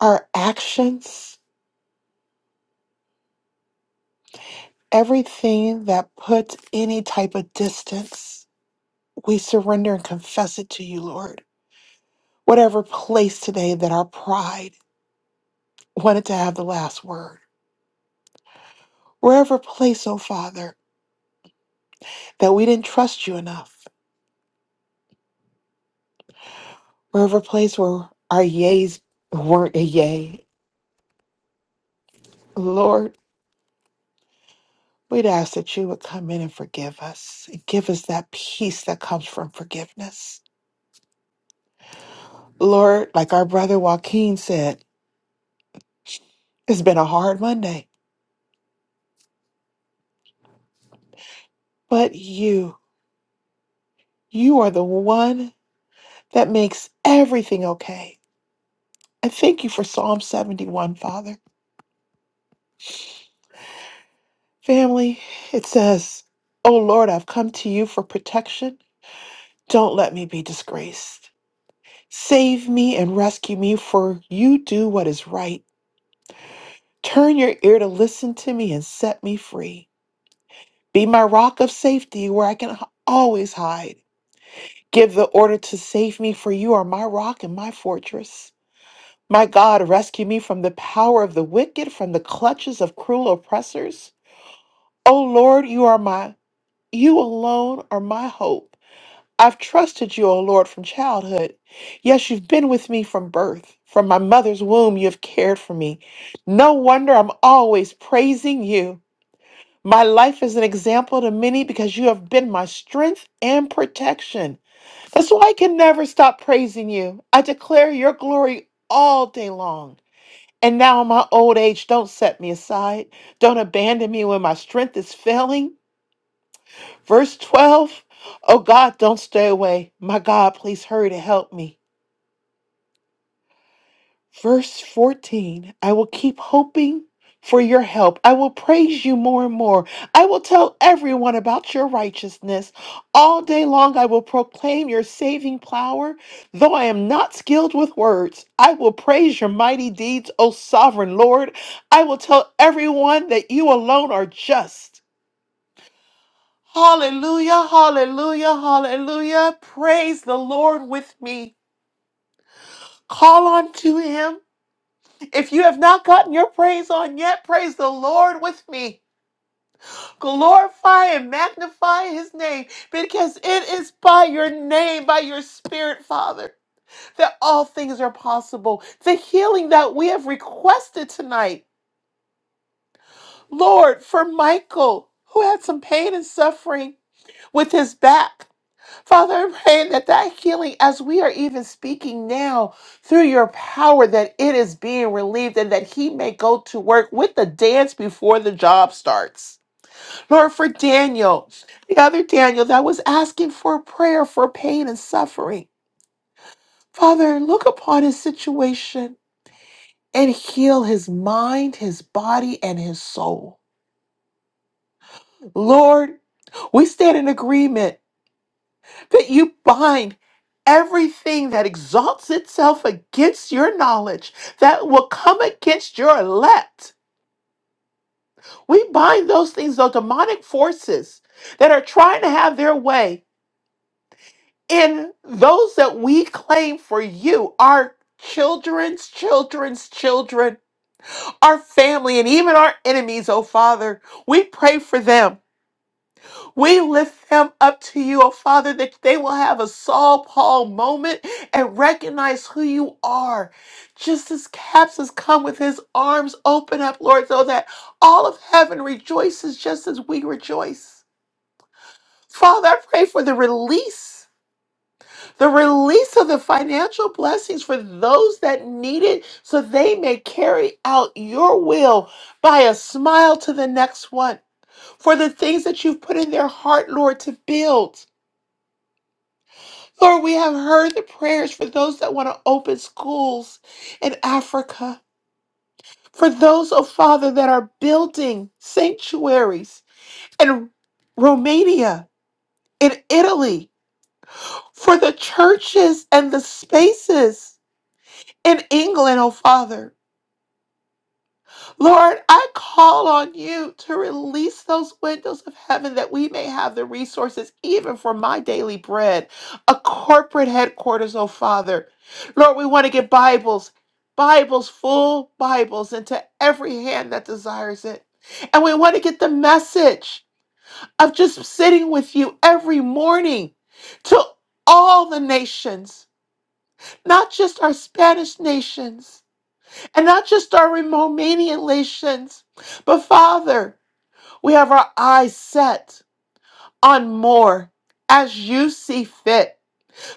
Speaker 2: our actions, everything that puts any type of distance. We surrender and confess it to you, Lord. Whatever place today that our pride wanted to have the last word, wherever place, oh Father, that we didn't trust you enough, wherever place where our yays weren't a yay, Lord, we'd ask that you would come in and forgive us and give us that peace that comes from forgiveness. Lord, like our brother Joaquin said, it's been a hard Monday, but you, you are the one that makes everything okay. I thank you for Psalm 71, Father Family, it says, O Lord, I've come to you for protection. Don't let me be disgraced. Save me and rescue me, for you do what is right. Turn your ear to listen to me and set me free. Be my rock of safety where I can h- always hide. Give the order to save me, for you are my rock and my fortress. My God, rescue me from the power of the wicked, from the clutches of cruel oppressors. O Lord, you are my, you alone are my hope. I've trusted you, O Lord, from childhood. Yes, you've been with me from birth. From my mother's womb, you have cared for me. No wonder I'm always praising you. My life is an example to many because you have been my strength and protection. That's why I can never stop praising you. I declare your glory all day long. And now, in my old age, don't set me aside. Don't abandon me when my strength is failing. Verse 12, O God, don't stay away. My God, please hurry to help me. Verse 14, I will keep hoping for your help. I will praise you more and more. I will tell everyone about your righteousness. All day long, I will proclaim your saving power. Though I am not skilled with words, I will praise your mighty deeds, O sovereign Lord. I will tell everyone that you alone are just. Hallelujah, hallelujah, hallelujah. Praise the Lord with me. Call on to him. If you have not gotten your praise on yet, praise the Lord with me. Glorify and magnify his name because it is by your name, by your spirit, Father, that all things are possible. The healing that we have requested tonight, Lord, for Michael, who had some pain and suffering with his back. Father, I'm praying that that healing, as we are even speaking now through your power, that it is being relieved and that he may go to work with the dance before the job starts. Lord, for Daniel, the other Daniel that was asking for prayer for pain and suffering, Father, look upon his situation and heal his mind, his body, and his soul. Lord, we stand in agreement that you bind everything that exalts itself against your knowledge, that will come against your elect. We bind those things, those demonic forces that are trying to have their way in those that we claim for you, our children's children's children, our family, and even our enemies, oh Father. We pray for them. We lift them up to you, oh Father, that they will have a Saul Paul moment and recognize who you are. Just as Caps has come with his arms open up, Lord, so that all of heaven rejoices just as we rejoice. Father, I pray for the release, the release of the financial blessings for those that need it so they may carry out your will by a smile to the next one. For the things that you've put in their heart, Lord, to build. Lord, we have heard the prayers for those that want to open schools in Africa, for those, oh Father, that are building sanctuaries in Romania, in Italy, for the churches and the spaces in England, oh Father. Lord, I call on you to release those windows of heaven that we may have the resources, even for my daily bread, a corporate headquarters, oh Father. Lord, we want to get Bibles, Bibles, full Bibles into every hand that desires it. And we want to get the message of just sitting with you every morning to all the nations, not just our Spanish nations and not just our Romanian relations, but Father, we have our eyes set on more as you see fit.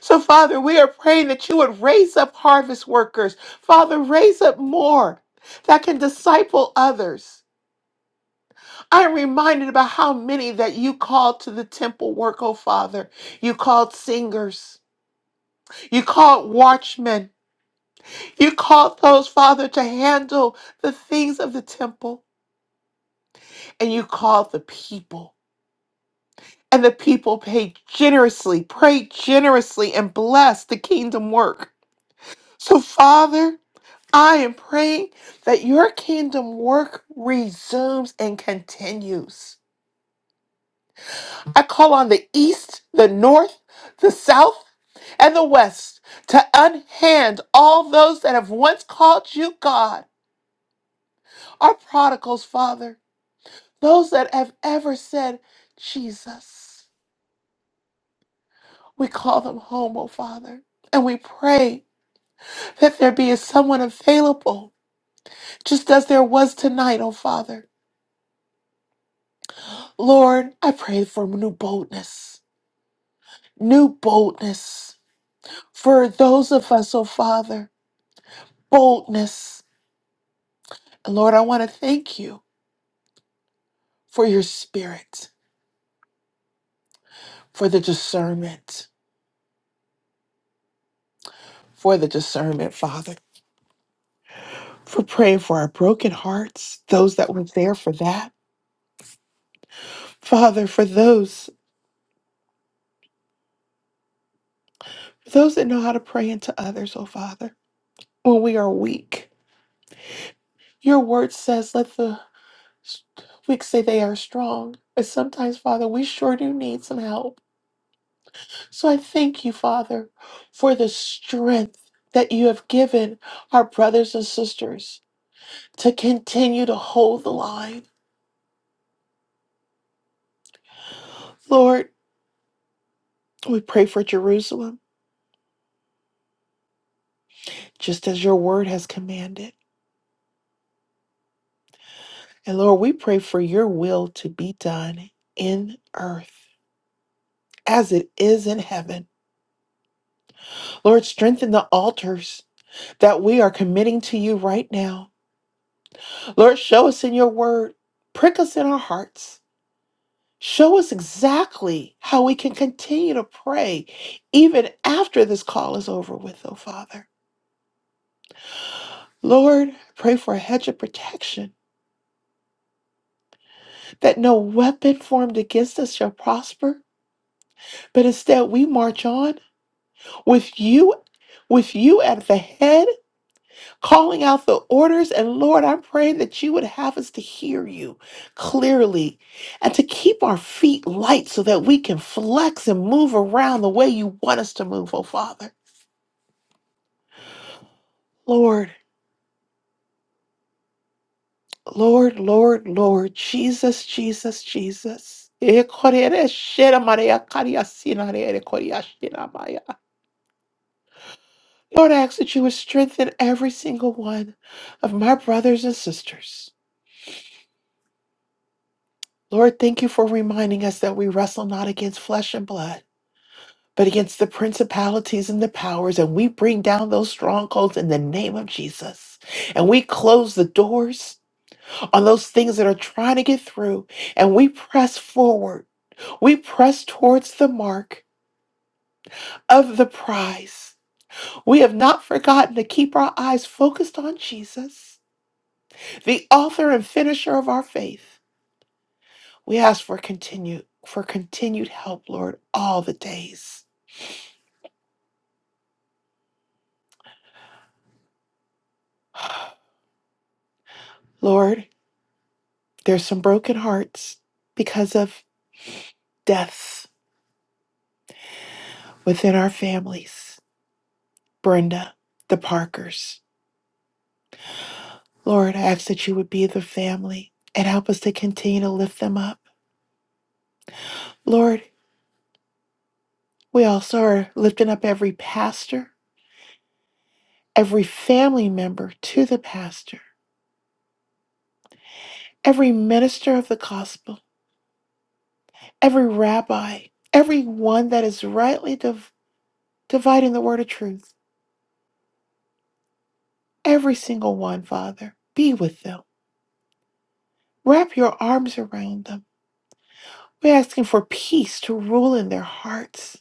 Speaker 2: So, Father, we are praying that you would raise up harvest workers. Father, raise up more that can disciple others. I'm reminded about how many that you called to the temple work, oh Father. You called singers. You called watchmen. You called those, Father, to handle the things of the temple. and you called the people. And the people paid generously, prayed generously, and blessed the kingdom work. So, Father, I am praying that your kingdom work resumes and continues. I call on the east, the north, the south, and the west to unhand all those that have once called you God, our prodigals, Father, those that have ever said, Jesus. We call them home, O Father. And we pray that there be someone available, just as there was tonight, O Father. Lord, I pray for new boldness, new boldness for those of us, O Father, boldness. And Lord, I want to thank you for your spirit, for the discernment, for the discernment, Father, for praying for our broken hearts, those that were there for that. Father, for those, those that know how to pray into others, O Father. when we are weak. Your word says, let the weak say they are strong. But sometimes, Father, we sure do need some help. So I thank you, Father, for the strength that you have given our brothers and sisters to continue to hold the line. Lord, we pray for Jerusalem, just as your word has commanded. And Lord, we pray for your will to be done in earth as it is in heaven. Lord, strengthen the altars that we are committing to you right now. Lord, show us in your word, prick us in our hearts. Show us exactly how we can continue to pray even after this call is over with, oh Father. Lord, I pray for a hedge of protection that no weapon formed against us shall prosper, but instead we march on with you, with you at the head calling out the orders. And Lord, I'm praying that you would have us to hear you clearly and to keep our feet light so that we can flex and move around the way you want us to move, oh Father. Lord, Lord, Lord, Lord, Jesus, Jesus, Jesus. Lord, I ask that you would strengthen every single one of my brothers and sisters. Lord, thank you for reminding us that we wrestle not against flesh and blood but against the principalities and the powers. And we bring down those strongholds in the name of Jesus. And we close the doors on those things that are trying to get through. And we press forward. We press towards the mark of the prize. We have not forgotten to keep our eyes focused on Jesus, the author and finisher of our faith. We ask for continued for continued help, Lord, all the days. Lord, there's some broken hearts because of deaths within our families. Brenda, the Parkers. Lord, I ask that you would be the family and help us to continue to lift them up. Lord, we also are lifting up every pastor, every family member to the pastor, every minister of the gospel, every rabbi, every one that is rightly div- dividing the word of truth. Every single one, Father, be with them. Wrap your arms around them. We're asking for peace to rule in their hearts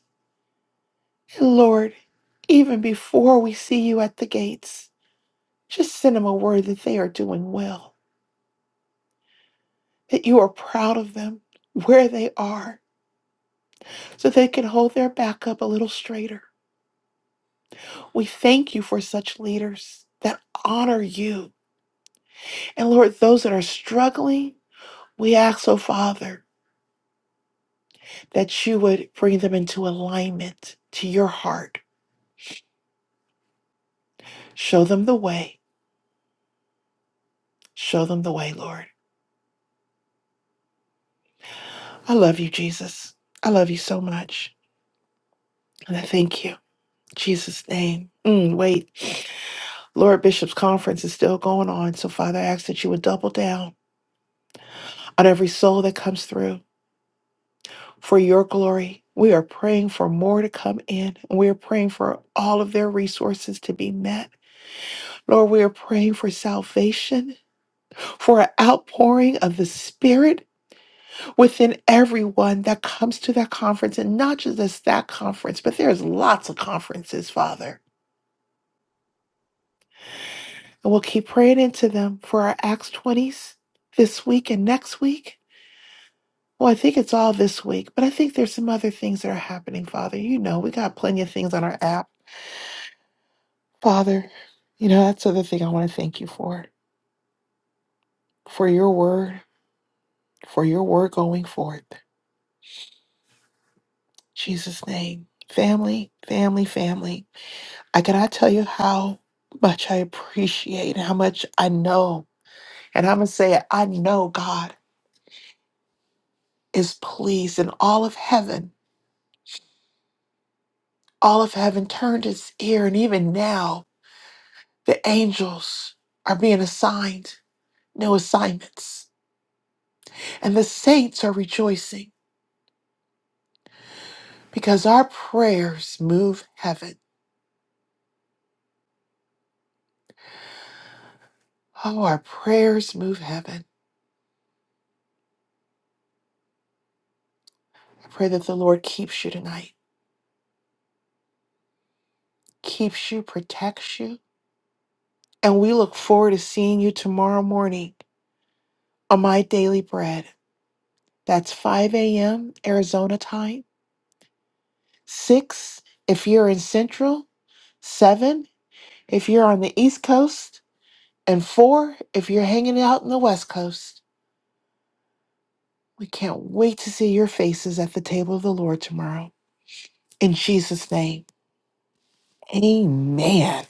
Speaker 2: And Lord, even before we see you at the gates, just send them a word that they are doing well, that you are proud of them, where they are, so they can hold their back up a little straighter. We thank you for such leaders that honor you. And Lord, those that are struggling, we ask, oh Father, that you would bring them into alignment to your heart. Show them the way. Show them the way, Lord. I love you, Jesus. I love you so much. And I thank you. Jesus' name. Mm, wait, Lord Bishop's conference is still going on. So, Father, I ask that you would double down on every soul that comes through for your glory. We are praying for more to come in, and we are praying for all of their resources to be met. Lord, we are praying for salvation, for an outpouring of the Spirit within everyone that comes to that conference, and not just this, that conference, but there's lots of conferences, Father. And we'll keep praying into them for our Acts 20s this week and next week. Well, I think it's all this week, but I think there's some other things that are happening, Father. You know, we got plenty of things on our app. Father, you know, that's the other thing I want to thank you for, for your word, for your word going forth. In Jesus' name. Family, family, family. I cannot tell you how much I appreciate, how much I know. And I'm going to say, it, I know God is pleased in all of heaven All of heaven turned its ear, and even now the angels are being assigned new assignments. And the saints are rejoicing because our prayers move heaven. Oh, our prayers move heaven. I pray that the Lord keeps you tonight, keeps you, protects you. And we look forward to seeing you tomorrow morning on My Daily Bread. That's 5 a.m. Arizona time, 6 if you're in Central, 7 if you're on the East Coast, And four, if you're hanging out in the West Coast, we can't wait to see your faces at the table of the Lord tomorrow. In Jesus' name, amen.